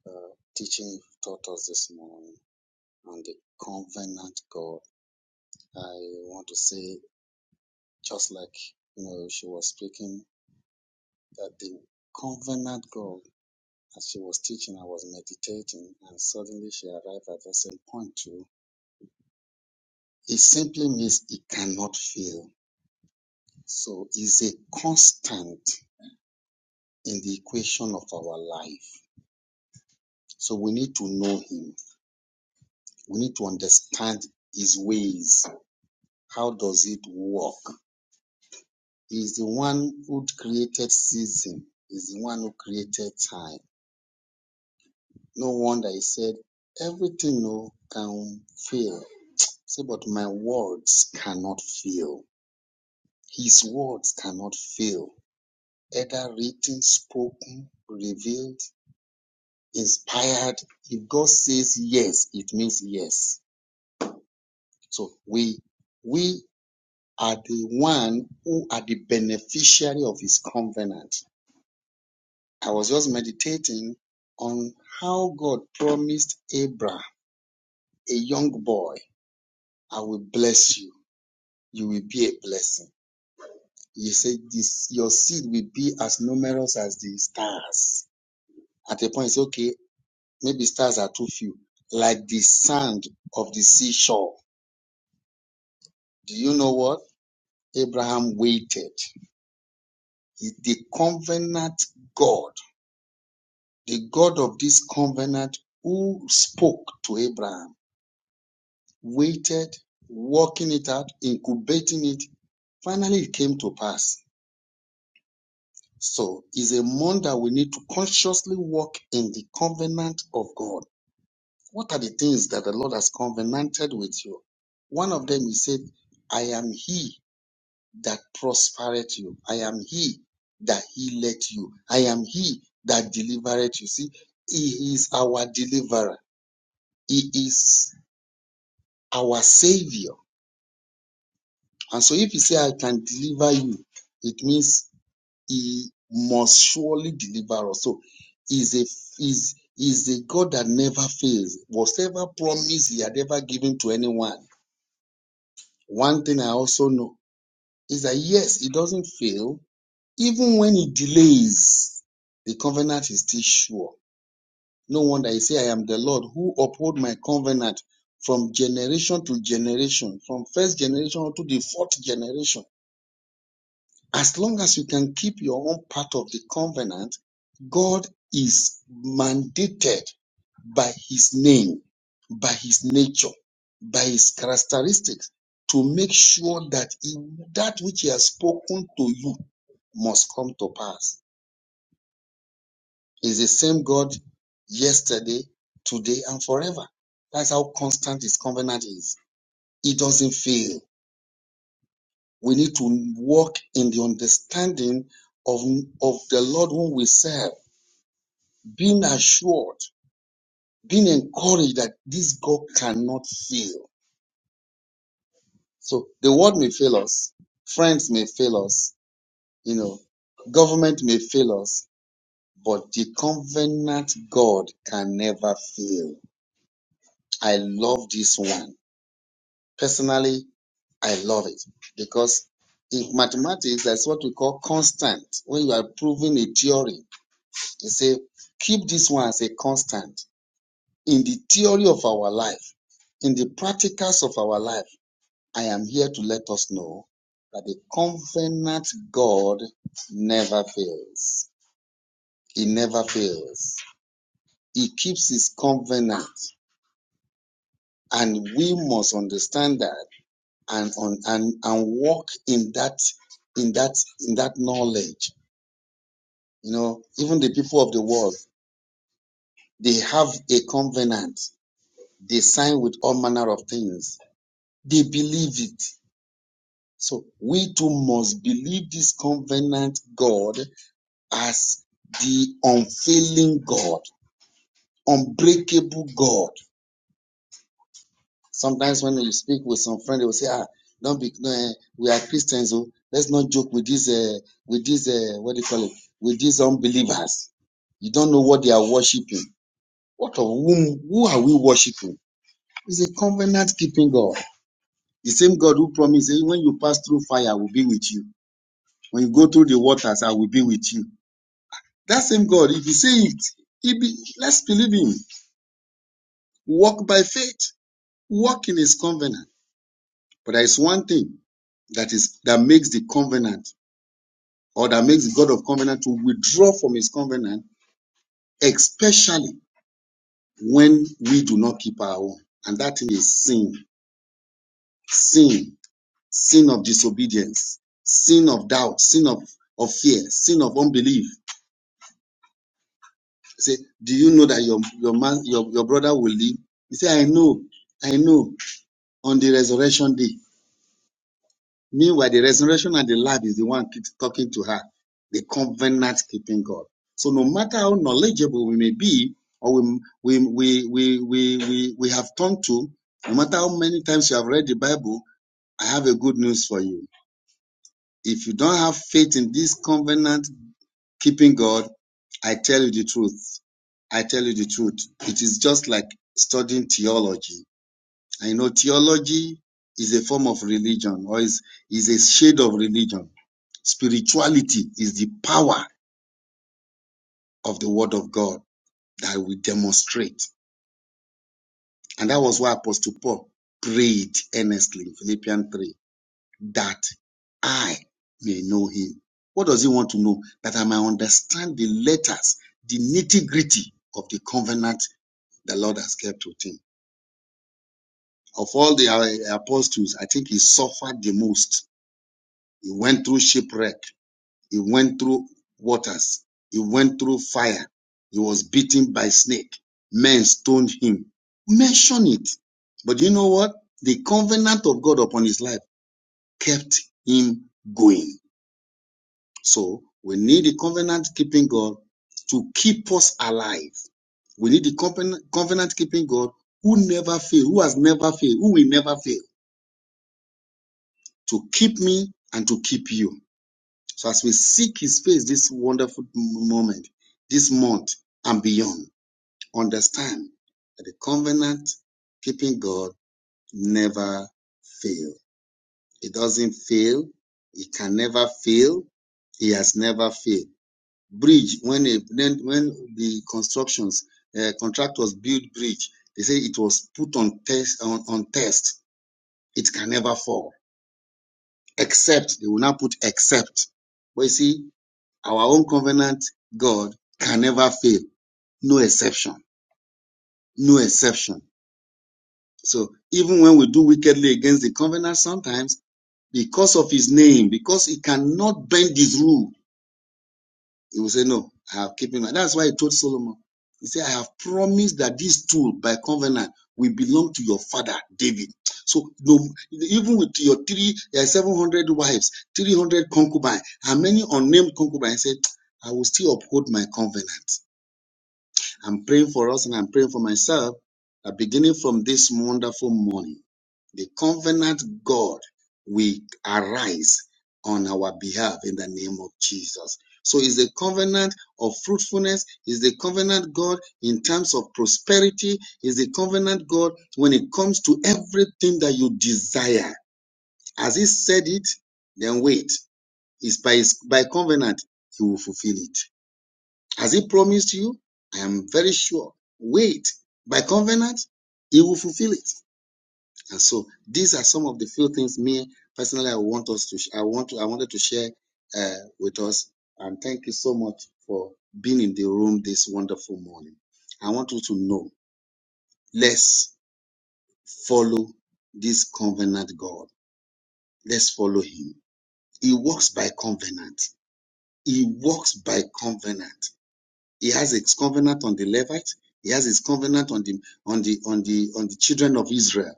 Speaker 2: uh, teaching you taught us this morning on the covenant God. I want to say, just like you know, she was speaking, that the covenant God, as she was teaching, I was meditating, and suddenly she arrived at the same point too. It simply means it cannot fail. So it's a constant in the equation of our life. So we need to know him. We need to understand his ways. How does it work? He's the one who created season. He's the one who created time. No wonder he said, everything no can fail. Say, but my words cannot fail. His words cannot fail. Either written, spoken, revealed, inspired. If God says yes, it means yes. So we we are the one who are the beneficiary of his covenant. I was just meditating on how God promised Abraham, a young boy, I will bless you. You will be a blessing. He said this your seed will be as numerous as the stars. At a point, it's okay, maybe stars are too few, like the sand of the seashore. Do you know what? Abraham waited. He- The covenant God The God of this covenant who spoke to Abraham, waited, working it out, incubating it. Finally, it came to pass. So it's a month that we need to consciously walk in the covenant of God. What are the things that the Lord has covenanted with you? One of them, he said, I am he that prospereth you. I am he that healeth you. I am he that delivereth you. See, he is our deliverer. He is our Savior. And so if He say, I can deliver you, it means He must surely deliver us. So He's a He's He's a God that never fails. Whatever promise He had ever given to anyone, one thing I also know is that yes, He doesn't fail. Even when He delays, the covenant is still sure. No wonder He say, I am the Lord who uphold my covenant from generation to generation, from first generation to the fourth generation. As long as you can keep your own part of the covenant, God is mandated by his name, by his nature, by his characteristics to make sure that he- that which he has spoken to you must come to pass. Is the same God yesterday, today, and forever. That's how constant his covenant is. It doesn't fail. We need to walk in the understanding of, of the Lord whom we serve, being assured, being encouraged that this God cannot fail. So the world may fail us, friends may fail us, you know, government may fail us, but the covenant God can never fail. I love this one. Personally, I love it because in mathematics, that's what we call constant. When you are proving a theory, He said, keep this one as a constant in the theory of our life, in the practicals of our life. I am here to let us know that the covenant God never fails. He never fails. He keeps his covenant. And we must understand that and, on, and, and walk in that, in that, in that knowledge. You know, even the people of the world, they have a covenant. They sign with all manner of things They believe it. So we too must believe this covenant God as the unfailing God, unbreakable God. Sometimes when you speak with some friend, they will say, "Ah, don't be no, eh, we are Christians, so let's not joke with these, uh, with these, uh, what do you call it, with these unbelievers. You don't know what they are worshiping. What of whom? Who are we worshiping? He's a covenant keeping God, the same God who promised, "Hey, when you pass through fire, I will be with you. When you go through the waters, I will be with you. That same God, if He say it, he be, let's believe Him. Walk by faith. Walk in His covenant. But there is one thing that is that makes the covenant or that makes the God of covenant to withdraw from His covenant, especially when we do not keep our own, and that thing is sin, sin, sin of disobedience, sin of doubt, sin of of fear, sin of unbelief He said, Do you know that your, your man your, your brother will live? He said, I know, I know, on the resurrection day. Meanwhile, the resurrection and the life is the one keeps talking to her, the covenant keeping God. So no matter how knowledgeable we may be, or we we we we we we, we have turned to, no matter how many times you have read the Bible, I have a good news for you. If you don't have faith in this covenant, keeping God, I tell you the truth. I tell you the truth. It is just like studying theology. I know theology is a form of religion or is, is a shade of religion. Spirituality is the power of the word of God that we demonstrate. And that was why Apostle Paul prayed earnestly in Philippians 3 that I may know him. What does he want to know? That I may understand the letters, the nitty gritty of the covenant the Lord has kept with him. Of all the uh, apostles, I think he suffered the most. He went through shipwreck. He went through waters. He went through fire. He was beaten by snake. Men stoned him. Mention it. But you know what? The covenant of God upon his life kept him going. So we need the covenant keeping God to keep us alive. We need the covenant keeping God who never fails. who has never failed, who will never fail. to keep me and to keep you. So as we seek his face this wonderful moment, this month and beyond, understand that the covenant keeping God never fails. It doesn't fail. It can never fail. He has never failed. Bridge, when a, when, the constructions, uh, contractors built, bridge, they say it was put on test, on, on test. It can never fall. Except, they will not put except. But you see, Our own covenant God can never fail. No exception. No exception. So even when we do wickedly against the covenant sometimes, because of his name, because he cannot bend his rule, he will say, No, I have kept him. And That's why he told Solomon, He said, I have promised that this tool by covenant will belong to your father, David. So no, even with your three, your 700 wives, 300 concubines, and many unnamed concubines, he said, I will still uphold my covenant. I'm praying for us and I'm praying for myself that beginning from this wonderful morning, the covenant God will arise on our behalf in the name of Jesus. So is the covenant of fruitfulness, is the covenant God in terms of prosperity, is the covenant God when it comes to everything that you desire. As he said it, then wait. It's by, his, by covenant, he will fulfill it. Has he promised you? I am very sure. Wait, by covenant, he will fulfill it. And so these are some of the few things me personally I want us to I want to I wanted to share uh, with us. And thank you so much for being in the room this wonderful morning. I want you to know let's follow this covenant God. Let's follow him. He works by covenant. He works by covenant. He has his covenant on the Levites. He has his covenant on the on the on the on the children of Israel.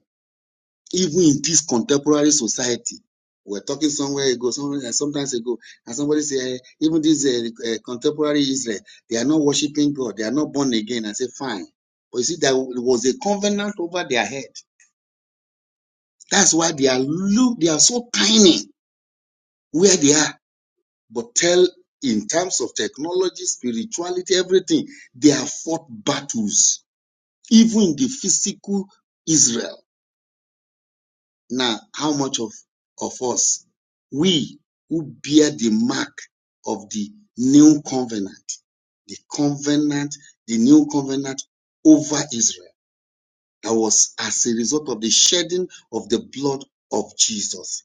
Speaker 2: Even in this contemporary society, we we're talking somewhere ago, somewhere, uh, sometimes ago, and somebody say, eh, even this uh, uh, contemporary Israel, they are not worshiping God. They are not born again. I say, fine. But you see, there was a covenant over their head. That's why they are look. They are so tiny where they are. But tell in terms of technology, spirituality, everything, they have fought battles even in the physical Israel. Now, how much of, of us, we who bear the mark of the new covenant, the covenant, the new covenant over Israel, that was as a result of the shedding of the blood of Jesus.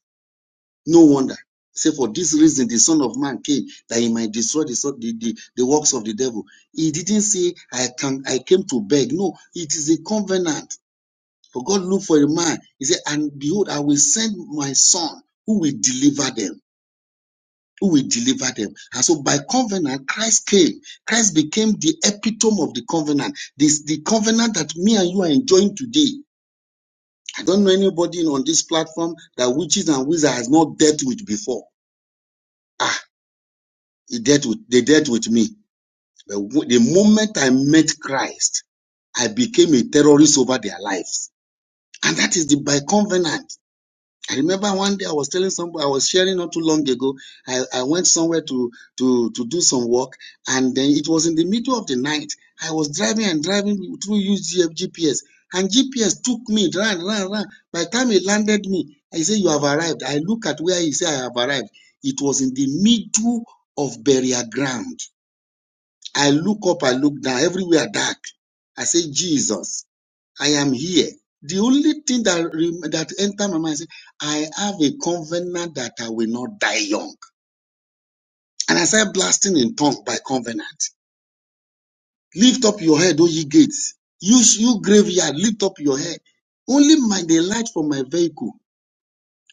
Speaker 2: No wonder. Say, for this reason, the Son of Man came that he might destroy the, so- the, the works of the devil. He didn't say, I, can, I came to beg. No, it is a covenant But God looked for a man. He said, And behold, I will send my son who will deliver them. Who will deliver them? And so by covenant, Christ came. Christ became the epitome of the covenant. This the covenant that me and you are enjoying today. I don't know anybody on this platform that witches and wizards has not dealt with before. Ah, he dealt with, they dealt with me. But the moment I met Christ, I became a terrorist over their lives. And that is the by covenant. I remember one day I was telling somebody I was sharing not too long ago. I, I went somewhere to to to do some work, and then it was in the middle of the night. I was driving and driving through UGF GPS, and GPS took me ran ran ran. By the time it landed me, I said, "You have arrived." I look at where he said, "I have arrived." It was in the middle of burial ground. I look up, I look down, everywhere dark. I say, "Jesus." I am here. The only thing that that entered my mind is I have a covenant that I will not die young. And I started blasting in tongues by covenant. Lift up your head, O ye gates. You, you graveyard, lift up your head. Only my the light from my vehicle.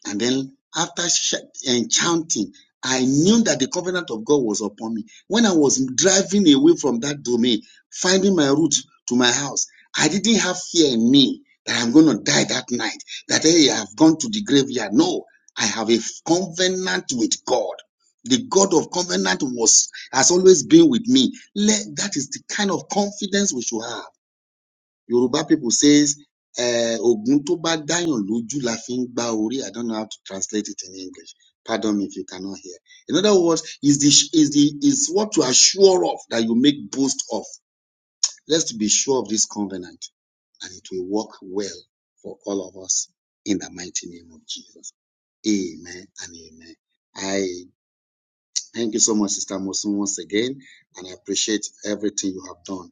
Speaker 2: And then after sh- enchanting, I knew that the covenant of God was upon me. When I was driving away from that domain, finding my route to my house, I didn't have fear in me that I'm going to die that night, that hey, I've gone to the graveyard. No, I have a covenant with God. The God of covenant was has always been with me. Let, that is the kind of confidence we should have Yoruba people says, uh, Ògún tó bá dáyàn lójú la fi ń gbá orí. I don't know how to translate it in English. Pardon me if you cannot hear. In other words, is the is the is what you are sure of that you make boast of. Let's be sure of this covenant, and it will work well for all of us in the mighty name of Jesus. Amen and amen. Thank you so much, Sister Mosun, once again, and I appreciate everything you have done.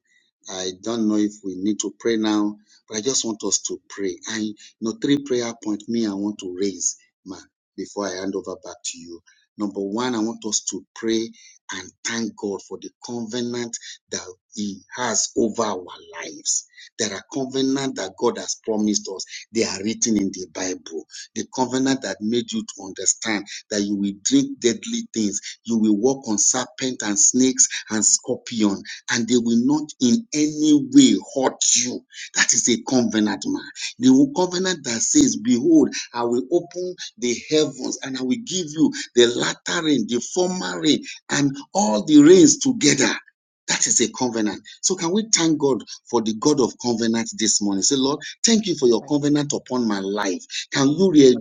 Speaker 2: I don't know if we need to pray now, but I just want us to pray. And you know, three prayer points me I want to raise, ma, before I hand over back to you. Number one, I want us to pray and thank God for the covenant that He has over our lives. There are covenants that God has promised us. They are written in the Bible. The covenant that made you to understand that you will drink deadly things you will walk on serpent and snakes and scorpion, and they will not in any way hurt you. That is a covenant, man. The covenant that says, Behold, I will open the heavens and I will give you the latter rain, the former rain, and all the rains together. That is a covenant. So, can we thank God for the God of covenant this morning? Say, Lord, thank you for your
Speaker 1: Thank
Speaker 2: covenant
Speaker 1: you.
Speaker 2: upon my life. Can you
Speaker 1: Thank you for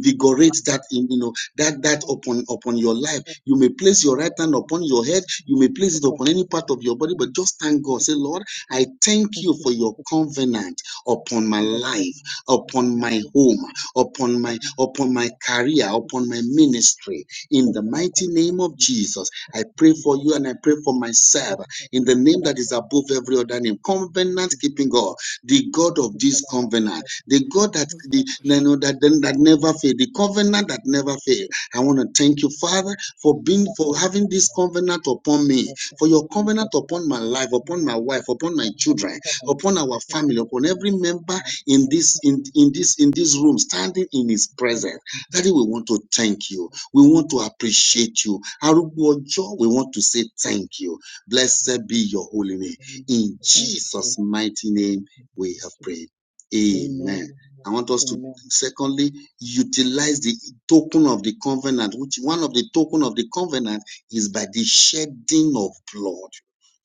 Speaker 1: the life of
Speaker 2: that, in, you
Speaker 1: God.
Speaker 2: know, that that
Speaker 1: Thank you
Speaker 2: upon upon
Speaker 1: for the power
Speaker 2: your
Speaker 1: of the
Speaker 2: life?
Speaker 1: Lord
Speaker 2: You may place your right hand
Speaker 1: upon
Speaker 2: upon
Speaker 1: us.
Speaker 2: your head.
Speaker 1: Thank
Speaker 2: You may
Speaker 1: you for
Speaker 2: place
Speaker 1: the
Speaker 2: it upon any
Speaker 1: covenant
Speaker 2: part
Speaker 1: with
Speaker 2: of
Speaker 1: the
Speaker 2: your body,
Speaker 1: Lord.
Speaker 2: but just thank God.
Speaker 1: Thank
Speaker 2: Say,
Speaker 1: you for
Speaker 2: Lord,
Speaker 1: the covenant
Speaker 2: I
Speaker 1: with
Speaker 2: thank
Speaker 1: the Lord. thank
Speaker 2: you
Speaker 1: you
Speaker 2: for
Speaker 1: for
Speaker 2: your covenant upon my
Speaker 1: the
Speaker 2: life,
Speaker 1: covenant
Speaker 2: upon my
Speaker 1: with the Lord.
Speaker 2: home, upon
Speaker 1: But
Speaker 2: my
Speaker 1: my
Speaker 2: upon my career, upon my ministry. In the mighty name of Jesus, I pray for you and I pray for myself in the name that is above every other name. Covenant keeping God, the God of this covenant the God that the you know, that that never fail, the covenant that never fail. I want to thank you, Father, for being for having this covenant upon me, for your covenant upon my life, upon my wife, upon my children, upon our family, upon every member in this in, in this in this room, standing in His presence. Daddy, we want to thank you. We want to appreciate you. Arugbo Ojo, we want to say thank you. Blessed be your holy name. In Jesus' mighty name, we have
Speaker 1: Thank you.
Speaker 2: prayed.
Speaker 1: Amen.
Speaker 2: Amen. I want us to
Speaker 1: Amen.
Speaker 2: secondly utilize the token of the covenant, which one of the token of the covenant is by the shedding of blood.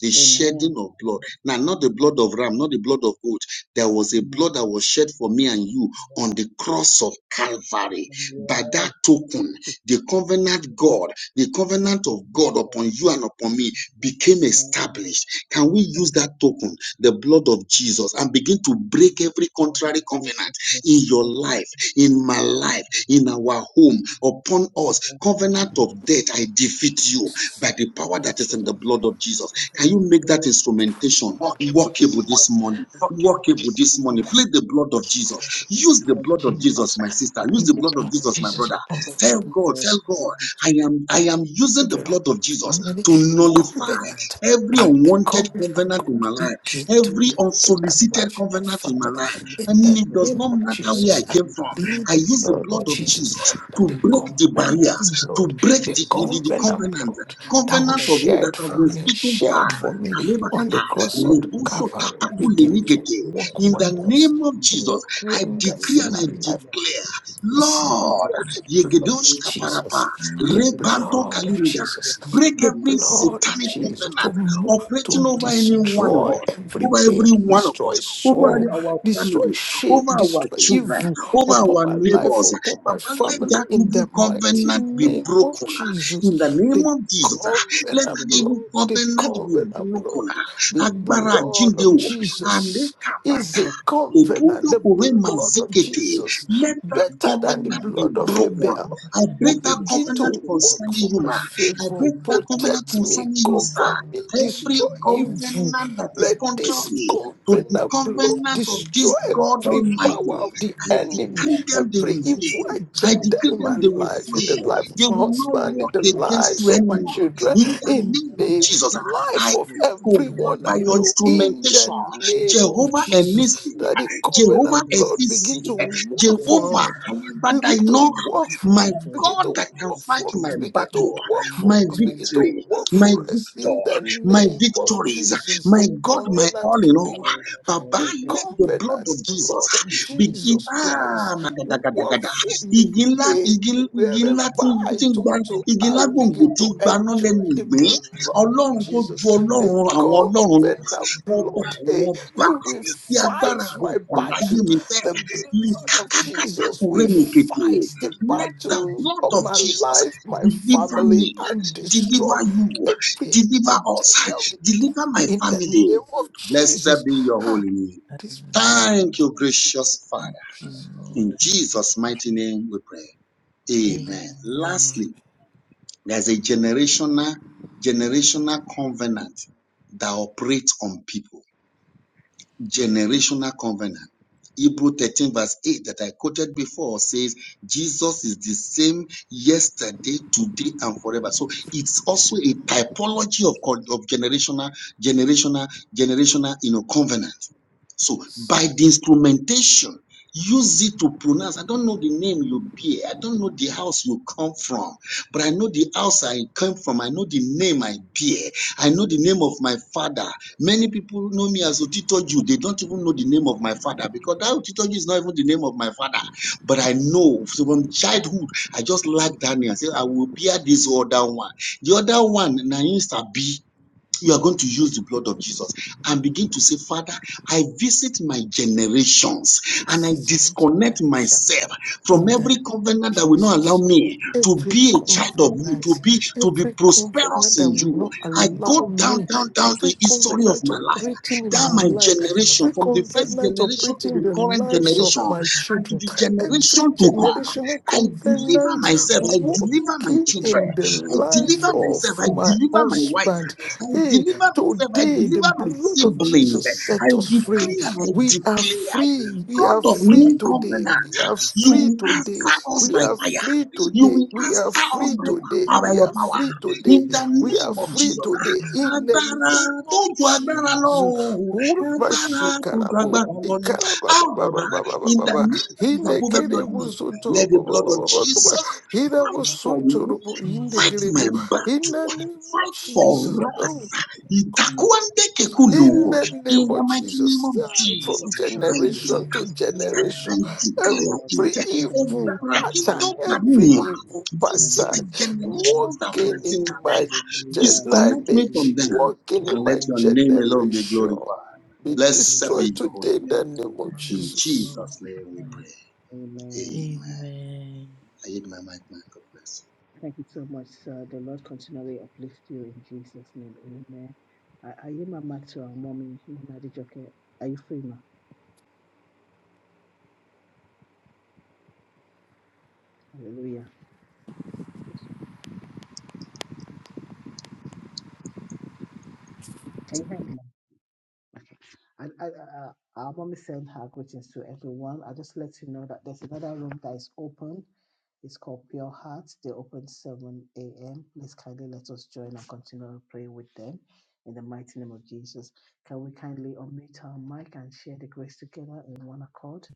Speaker 2: The
Speaker 1: Amen.
Speaker 2: shedding of blood. Now,
Speaker 1: Yes,
Speaker 2: not the
Speaker 1: I can
Speaker 2: blood of ram, not the blood of goat. There was a blood that was shed for me and you on the cross of Calvary. By that token, the covenant God, the covenant of God upon you and upon me became established can we use
Speaker 1: Thank
Speaker 2: that token, the blood of Jesus, and begin to break every contrary covenant in your life, in my life, in our home, upon us? Covenant of death, I defeat you by the power that is in the blood of Jesus. Can you make that instrumentation workable this morning? Workable
Speaker 3: Jesus.
Speaker 2: this morning. Play the blood of Jesus. Use the blood of Jesus, my sister. Use
Speaker 3: In
Speaker 2: the
Speaker 3: the
Speaker 2: blood of
Speaker 3: blood of
Speaker 2: Jesus, my
Speaker 3: Jesus.
Speaker 2: brother.
Speaker 1: you, Jesus. Thank
Speaker 3: we
Speaker 2: Tell God,
Speaker 3: pray.
Speaker 1: you,
Speaker 2: tell God,
Speaker 1: Jesus.
Speaker 2: I am I am using the
Speaker 3: children,
Speaker 2: blood of Jesus
Speaker 1: Amen.
Speaker 3: family,
Speaker 2: to
Speaker 3: the
Speaker 2: nullify
Speaker 3: covenant,
Speaker 2: every
Speaker 1: Amen.
Speaker 3: the
Speaker 2: unwanted
Speaker 3: covenant
Speaker 2: covenant
Speaker 3: God
Speaker 2: in my life,
Speaker 3: begin to
Speaker 2: every
Speaker 3: work in my
Speaker 2: unsolicited
Speaker 3: life, in my
Speaker 2: covenant in my
Speaker 3: family.
Speaker 2: life. I
Speaker 3: In
Speaker 2: mean,
Speaker 3: the
Speaker 2: it does
Speaker 3: name
Speaker 2: not
Speaker 3: of
Speaker 2: matter where I
Speaker 3: Jesus, I
Speaker 2: came from.
Speaker 3: plead
Speaker 2: I
Speaker 3: the
Speaker 2: use the
Speaker 3: blood
Speaker 2: blood
Speaker 3: of
Speaker 2: of
Speaker 3: Jesus,
Speaker 2: Jesus
Speaker 3: that
Speaker 2: to
Speaker 3: the
Speaker 2: break the
Speaker 3: covenant
Speaker 2: barriers, to
Speaker 3: blood,
Speaker 2: break
Speaker 3: the
Speaker 2: the, the, the, the
Speaker 3: covenant
Speaker 2: covenant,
Speaker 3: blood that was
Speaker 2: covenant of you that
Speaker 3: shed
Speaker 2: has
Speaker 3: for
Speaker 2: been
Speaker 3: me,
Speaker 2: speaking
Speaker 3: shed
Speaker 2: back.
Speaker 3: for
Speaker 4: Hallelujah.
Speaker 3: me on the cross of the Calvary, begin to work
Speaker 2: In the
Speaker 3: wonders.
Speaker 2: name of Jesus,
Speaker 3: Work
Speaker 2: I
Speaker 3: wonders
Speaker 2: decree and
Speaker 3: in my
Speaker 2: I
Speaker 3: life
Speaker 2: declare,
Speaker 4: Thank
Speaker 2: Lord, Yegedosh Kaparapa,
Speaker 3: the
Speaker 2: Repanto
Speaker 3: blood of
Speaker 2: Kalinda,
Speaker 3: Jesus,
Speaker 2: break
Speaker 3: the blood of Jesus, the
Speaker 2: every
Speaker 3: blood of
Speaker 2: satanic
Speaker 3: Jesus
Speaker 2: covenant
Speaker 3: to mo-
Speaker 2: operating
Speaker 3: to
Speaker 2: over any one of
Speaker 3: destroy
Speaker 2: us,
Speaker 3: every
Speaker 2: over
Speaker 3: pain,
Speaker 2: every one of us,
Speaker 3: destroy
Speaker 2: over
Speaker 3: sorrow,
Speaker 2: our family,
Speaker 3: destroy shame,
Speaker 2: over our
Speaker 3: destroy
Speaker 2: children,
Speaker 3: evil
Speaker 2: over
Speaker 3: upon
Speaker 2: our
Speaker 3: my life,
Speaker 2: neighbors.
Speaker 3: upon my
Speaker 2: Papa, let
Speaker 3: family,
Speaker 2: that
Speaker 3: in
Speaker 2: evil
Speaker 3: the mighty
Speaker 2: covenant be
Speaker 3: name of
Speaker 2: broken in the
Speaker 3: Jesus
Speaker 2: name of Jesus. Let that
Speaker 3: covenant blood,
Speaker 2: evil
Speaker 3: the
Speaker 2: covenant be
Speaker 3: covenant
Speaker 2: broken.
Speaker 3: blood, the
Speaker 2: Agbára
Speaker 3: blood
Speaker 2: jinde
Speaker 3: of
Speaker 2: o,
Speaker 3: Jesus
Speaker 2: àlékàpá
Speaker 3: is a
Speaker 2: Ketunga
Speaker 3: covenant. The
Speaker 2: kure
Speaker 3: blood of
Speaker 2: mazikete.
Speaker 3: Jesus,
Speaker 2: Let that
Speaker 3: better than the
Speaker 2: covenant be
Speaker 3: blood of
Speaker 2: broken.
Speaker 3: Abel,
Speaker 2: I
Speaker 3: will
Speaker 2: break that
Speaker 3: begin
Speaker 2: covenant
Speaker 3: to work
Speaker 2: concerning
Speaker 3: for
Speaker 2: you,
Speaker 3: my
Speaker 2: ma. I
Speaker 3: favor,
Speaker 2: break that covenant
Speaker 3: protect me,
Speaker 2: concerning you, sir.
Speaker 3: cover me,
Speaker 2: Every
Speaker 3: destroy evil.
Speaker 2: covenant that is
Speaker 3: Let this
Speaker 2: contrary to the
Speaker 3: covenant blood
Speaker 2: covenant of this
Speaker 3: destroy
Speaker 2: God
Speaker 3: every power
Speaker 2: Almighty,
Speaker 3: of the
Speaker 2: I
Speaker 3: enemy,
Speaker 2: decree them they
Speaker 3: every
Speaker 2: will
Speaker 3: evil
Speaker 2: fail. I
Speaker 3: agenda
Speaker 2: decree
Speaker 3: in
Speaker 2: them
Speaker 3: my
Speaker 2: they will
Speaker 3: life, in the
Speaker 2: fail.
Speaker 3: life
Speaker 2: They
Speaker 3: of my
Speaker 2: will not
Speaker 3: husband, in
Speaker 2: work
Speaker 3: the
Speaker 2: against you
Speaker 3: lives of my
Speaker 2: anymore.
Speaker 3: children,
Speaker 2: In the
Speaker 3: in
Speaker 2: name of
Speaker 3: the
Speaker 2: Jesus, I
Speaker 3: life
Speaker 2: ask,
Speaker 3: of
Speaker 2: oh
Speaker 3: everyone
Speaker 2: God, by
Speaker 3: I
Speaker 2: your
Speaker 3: know, in the
Speaker 2: instrumentation,
Speaker 3: name of
Speaker 2: Jehovah and
Speaker 3: Jesus, that the
Speaker 2: Jehovah
Speaker 3: covenant blood
Speaker 2: Episi,
Speaker 3: begin to work for
Speaker 2: Jehovah,
Speaker 3: us
Speaker 2: however,
Speaker 3: begin
Speaker 2: I
Speaker 3: to
Speaker 2: know
Speaker 3: work for
Speaker 2: my
Speaker 3: us, begin
Speaker 2: God
Speaker 3: to
Speaker 2: that can
Speaker 3: work
Speaker 2: fight
Speaker 3: for
Speaker 2: my
Speaker 3: us, begin to
Speaker 2: battle,
Speaker 3: work for
Speaker 2: my
Speaker 3: us, begin to
Speaker 2: victory,
Speaker 3: work
Speaker 2: my
Speaker 3: for us
Speaker 2: victor,
Speaker 3: in the
Speaker 2: my
Speaker 3: name of
Speaker 2: victories,
Speaker 3: Jesus,
Speaker 2: my
Speaker 3: the
Speaker 2: God, my
Speaker 3: covenant
Speaker 2: all in all.
Speaker 3: keeping God.
Speaker 2: Baba,
Speaker 3: The
Speaker 2: let the blood of
Speaker 3: covenant
Speaker 2: Jesus
Speaker 3: blood of
Speaker 2: begin.
Speaker 3: Jesus
Speaker 2: Ah,
Speaker 3: Christ work
Speaker 2: nagadagadaga.
Speaker 3: for me.
Speaker 2: Igi ńlá,
Speaker 3: Eh,
Speaker 2: igi igi
Speaker 3: Wherever
Speaker 2: ńlá tí ń tí
Speaker 3: I
Speaker 2: ń gba,
Speaker 3: turn to,
Speaker 2: igi
Speaker 3: I
Speaker 2: ńlá
Speaker 3: will
Speaker 2: gbòǹgbò
Speaker 3: begin
Speaker 2: tí ń
Speaker 3: to
Speaker 2: gbaná lẹ́nu
Speaker 3: enjoy the
Speaker 2: ìgbín.
Speaker 3: blood of
Speaker 2: Ọlọ́run tó ju
Speaker 3: Jesus, the
Speaker 2: ọlọ́run àwọn ọlọ́run lọ.
Speaker 3: covenant
Speaker 2: Ọba
Speaker 3: blood.
Speaker 2: àwọn
Speaker 3: Eh,
Speaker 2: ọba
Speaker 3: you will
Speaker 2: fi agbára
Speaker 3: fight
Speaker 2: rẹ
Speaker 3: my
Speaker 2: kàn láyé
Speaker 3: battle.
Speaker 2: mi fẹ́.
Speaker 3: The
Speaker 2: Lè
Speaker 3: blood of
Speaker 2: kákákátá kò
Speaker 3: Jesus
Speaker 2: rẹ́
Speaker 3: will
Speaker 2: mi kété.
Speaker 3: fight the
Speaker 2: Let the
Speaker 3: battles
Speaker 2: blood
Speaker 3: of
Speaker 2: of
Speaker 3: my
Speaker 2: Jesus
Speaker 3: life, my
Speaker 2: deliver
Speaker 3: family,
Speaker 2: me,
Speaker 3: and destroy
Speaker 2: deliver you,
Speaker 3: every
Speaker 2: deliver us,
Speaker 3: agenda of the devil
Speaker 2: deliver my
Speaker 3: in the
Speaker 2: family.
Speaker 3: name of
Speaker 2: Blessed
Speaker 3: Jesus.
Speaker 2: be your
Speaker 3: Ah,
Speaker 2: holy name.
Speaker 3: this before
Speaker 2: Thank you,
Speaker 3: they
Speaker 2: gracious
Speaker 3: come,
Speaker 2: Father.
Speaker 4: you,
Speaker 3: Jesus.
Speaker 4: Lord.
Speaker 2: In
Speaker 4: Thank
Speaker 2: Jesus' mighty
Speaker 4: you.
Speaker 2: name we pray. Amen.
Speaker 4: Amen.
Speaker 2: Lastly, there's a generational, generational covenant that operates on people generational covenant. Hebrew 13 verse 8 that I quoted before says Jesus is the same yesterday, today, and forever. So it's also a typology of, con- of generational, generational, generational, you know, covenant. So by the instrumentation, use it to pronounce. I don't know the name you bear. I don't know the house you come from, but I know the house I come from. I know the name I bear. I know the name of my father. Many people know me as Otitoju. They don't even know the name of my father because that Otitoju is not even the name of my father. But I know so from childhood, I just like Daniel. I say, I will bear this other one. The other one, Nainsa B you are going to use the blood of Jesus and begin to say, Father, I visit my generations and I
Speaker 3: Visit my
Speaker 2: disconnect
Speaker 3: generation
Speaker 2: myself from
Speaker 3: in the name
Speaker 2: every
Speaker 3: of
Speaker 2: covenant that will not allow
Speaker 3: Jesus.
Speaker 2: me to
Speaker 3: Every
Speaker 2: be a child of you, to
Speaker 3: covenant,
Speaker 2: be to be
Speaker 3: every
Speaker 2: prosperous
Speaker 3: covenant that
Speaker 2: in
Speaker 3: will
Speaker 2: you.
Speaker 3: not
Speaker 2: I
Speaker 3: allow
Speaker 2: go down,
Speaker 3: me,
Speaker 2: down, down the
Speaker 3: every
Speaker 2: history of
Speaker 3: covenant
Speaker 2: my life,
Speaker 3: operating in
Speaker 2: down
Speaker 3: my
Speaker 2: my
Speaker 3: life,
Speaker 2: generation,
Speaker 3: every
Speaker 2: from the first
Speaker 3: covenant
Speaker 2: generation to
Speaker 3: operating in
Speaker 2: the
Speaker 3: the
Speaker 2: current
Speaker 3: lives of
Speaker 2: generation,
Speaker 3: my
Speaker 2: and to
Speaker 3: children,
Speaker 2: the
Speaker 3: every
Speaker 2: generation to come.
Speaker 3: generational
Speaker 2: I deliver
Speaker 3: covenant
Speaker 2: myself, I deliver my
Speaker 3: working
Speaker 2: children,
Speaker 3: in
Speaker 4: Amen.
Speaker 3: the
Speaker 2: I
Speaker 3: life
Speaker 2: deliver myself,
Speaker 3: of
Speaker 2: I
Speaker 3: my
Speaker 2: deliver my wife.
Speaker 3: husband.
Speaker 2: I
Speaker 3: Hey,
Speaker 2: deliver myself. I
Speaker 3: today the
Speaker 2: deliver my
Speaker 3: blood of
Speaker 2: siblings.
Speaker 3: Jesus
Speaker 2: I
Speaker 3: set us free.
Speaker 2: decree and I
Speaker 3: We are
Speaker 2: declare,
Speaker 3: free. We
Speaker 2: God
Speaker 3: are
Speaker 2: of
Speaker 3: free
Speaker 2: new
Speaker 3: today.
Speaker 2: covenant,
Speaker 3: We are
Speaker 2: you
Speaker 3: free
Speaker 2: will
Speaker 3: today.
Speaker 2: answer us
Speaker 3: We
Speaker 2: by
Speaker 3: are
Speaker 2: fire.
Speaker 3: free
Speaker 2: You
Speaker 3: today.
Speaker 2: will
Speaker 3: We are
Speaker 2: answer us
Speaker 3: free
Speaker 2: by
Speaker 3: today.
Speaker 2: power, by
Speaker 3: We
Speaker 2: your
Speaker 3: are
Speaker 2: power.
Speaker 3: free today.
Speaker 2: In the
Speaker 3: We are
Speaker 2: name of
Speaker 3: free
Speaker 2: Jesus.
Speaker 3: today. In the
Speaker 2: Agbára
Speaker 3: name
Speaker 2: tó
Speaker 3: of
Speaker 2: ju agbára lọ
Speaker 3: Jesus.
Speaker 2: o.
Speaker 3: Oh,
Speaker 2: Agbára
Speaker 3: Mashie
Speaker 2: tó ju
Speaker 3: Kalabo.
Speaker 2: agbára lọ ni.
Speaker 3: Kalabo,
Speaker 2: Our
Speaker 3: ba ba
Speaker 2: Baba,
Speaker 3: ba ba ba ba
Speaker 2: in
Speaker 3: ba
Speaker 2: the
Speaker 3: ba.
Speaker 2: name that
Speaker 3: He
Speaker 2: is
Speaker 3: na
Speaker 2: above every other
Speaker 3: kerebo
Speaker 2: name, let
Speaker 3: sunchoro ba
Speaker 2: the
Speaker 3: ba
Speaker 2: blood of
Speaker 3: ba ba ba.
Speaker 2: Jesus
Speaker 3: He na mo
Speaker 2: fight for me,
Speaker 3: sunchoro ba. He na
Speaker 2: fight
Speaker 4: Amen.
Speaker 2: my
Speaker 3: kerebo. In
Speaker 2: battle
Speaker 3: the name of
Speaker 2: fight for
Speaker 3: Jesus.
Speaker 2: us.
Speaker 3: Oh.
Speaker 2: Itakuande
Speaker 3: In
Speaker 2: kekulu.
Speaker 3: the name
Speaker 2: In the
Speaker 3: of
Speaker 2: mighty name
Speaker 3: Jesus,
Speaker 2: of
Speaker 3: ah,
Speaker 2: Jesus,
Speaker 3: from
Speaker 2: I
Speaker 3: generation to
Speaker 2: declare,
Speaker 3: generation,
Speaker 2: I declare it.
Speaker 3: every evil pattern,
Speaker 2: Ebarakinto
Speaker 3: every
Speaker 2: panua.
Speaker 3: evil
Speaker 2: Visit
Speaker 3: pattern,
Speaker 2: the generations that
Speaker 3: walking in
Speaker 2: passing out.
Speaker 3: my gen-
Speaker 2: Disconnect me from
Speaker 3: lineage,
Speaker 2: them
Speaker 3: walking in
Speaker 2: and let
Speaker 3: my
Speaker 2: your name alone be
Speaker 3: generation,
Speaker 2: glorified.
Speaker 3: be
Speaker 2: Blessed
Speaker 3: destroyed
Speaker 2: be your holy
Speaker 3: today in
Speaker 2: name.
Speaker 3: the name of
Speaker 2: In
Speaker 3: Jesus.
Speaker 2: Jesus' name we pray.
Speaker 1: Amen.
Speaker 2: Amen. I hit my mic, man. God bless you.
Speaker 1: Thank you so much, sir. The Lord continually uplift you in Jesus' name. Amen. I, I yield my mic to our mommy, Mama Adijoke. Are you free, ma? Hallelujah. Can you hear me? ma? Okay. And I, I, our mommy sent her greetings to everyone. I just let you know that there's another room that is open. It's called Pure Hearts. They open 7 a.m. Please kindly let us join and continue to pray with them in the mighty name of Jesus. Can we kindly unmute our mic and share the grace together in one accord?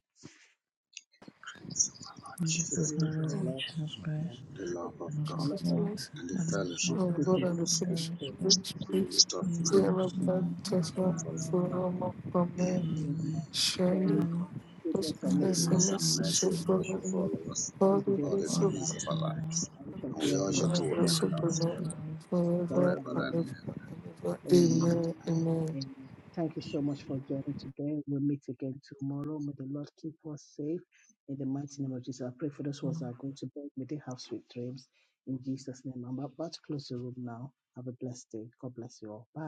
Speaker 2: So, our Lord
Speaker 4: With
Speaker 1: The
Speaker 4: the
Speaker 2: Jesus
Speaker 1: grace of
Speaker 4: power
Speaker 1: our
Speaker 4: of
Speaker 1: Lord,
Speaker 4: Jesus
Speaker 1: Jesus
Speaker 4: Christ,
Speaker 2: Christ,
Speaker 1: Christ,
Speaker 2: the love of
Speaker 4: and of
Speaker 1: the
Speaker 4: our
Speaker 2: God
Speaker 1: love
Speaker 3: Jesus
Speaker 1: of
Speaker 4: God,
Speaker 1: God,
Speaker 3: Christ,
Speaker 2: and the
Speaker 4: and the
Speaker 1: and
Speaker 2: fellowship
Speaker 4: Son of
Speaker 3: oh
Speaker 2: of
Speaker 3: my
Speaker 1: the
Speaker 2: the
Speaker 3: God,
Speaker 1: people of
Speaker 4: worship
Speaker 1: the
Speaker 3: and
Speaker 2: Holy
Speaker 3: the
Speaker 4: and the
Speaker 2: Spirit
Speaker 1: Holy
Speaker 3: fellowship
Speaker 4: Holy
Speaker 3: of
Speaker 1: Spirit,
Speaker 3: the
Speaker 4: Spirit,
Speaker 2: We
Speaker 3: Spirit,
Speaker 2: will talk
Speaker 4: we
Speaker 1: be
Speaker 3: be
Speaker 2: now
Speaker 1: with
Speaker 3: ever
Speaker 4: pass
Speaker 1: us now
Speaker 4: now
Speaker 1: and
Speaker 4: and
Speaker 3: test
Speaker 2: and
Speaker 3: now and
Speaker 4: forevermore.
Speaker 1: forevermore.
Speaker 2: forevermore.
Speaker 3: forevermore. Amen.
Speaker 2: Amen.
Speaker 4: Amen.
Speaker 1: Amen. Surely,
Speaker 3: Surely.
Speaker 4: Now,
Speaker 1: goodness and
Speaker 4: God we
Speaker 1: mercy
Speaker 3: Hospitals are
Speaker 1: shall
Speaker 4: bless
Speaker 2: Goodness
Speaker 1: follow us
Speaker 2: and
Speaker 3: messy,
Speaker 4: and
Speaker 2: mercy
Speaker 3: so
Speaker 2: of
Speaker 4: mercy,
Speaker 3: for
Speaker 2: God shall follow us
Speaker 1: all
Speaker 3: all
Speaker 1: the
Speaker 3: the
Speaker 1: days
Speaker 2: all
Speaker 1: of
Speaker 2: the
Speaker 4: all
Speaker 3: days
Speaker 4: of us,
Speaker 3: of
Speaker 1: our
Speaker 2: days
Speaker 3: my
Speaker 2: of
Speaker 1: lives,
Speaker 2: our
Speaker 4: all
Speaker 2: lives,
Speaker 1: and we shall
Speaker 2: and we
Speaker 3: should
Speaker 1: dwell
Speaker 2: all
Speaker 1: in the
Speaker 2: shall
Speaker 4: of us, all of us,
Speaker 3: I
Speaker 1: house
Speaker 2: dwell
Speaker 4: all
Speaker 1: of
Speaker 2: in
Speaker 3: also
Speaker 2: the
Speaker 1: the
Speaker 3: pray
Speaker 1: Lord
Speaker 4: of
Speaker 2: house of
Speaker 4: us,
Speaker 2: the
Speaker 4: all of
Speaker 2: Lord
Speaker 4: us,
Speaker 3: Forever
Speaker 1: forever
Speaker 2: forever
Speaker 1: and
Speaker 3: and
Speaker 2: and
Speaker 3: ever
Speaker 1: ever.
Speaker 3: and ever.
Speaker 1: Amen.
Speaker 3: Amen.
Speaker 2: ever.
Speaker 3: Amen.
Speaker 1: Amen. Thank you so much for joining today. We'll meet again tomorrow. May the Lord keep us safe. In the mighty name of Jesus, I pray for those ones that are going to bed. May they have sweet dreams. In Jesus' name, I'm about to close the room now. Have a blessed day. God bless you all. Bye.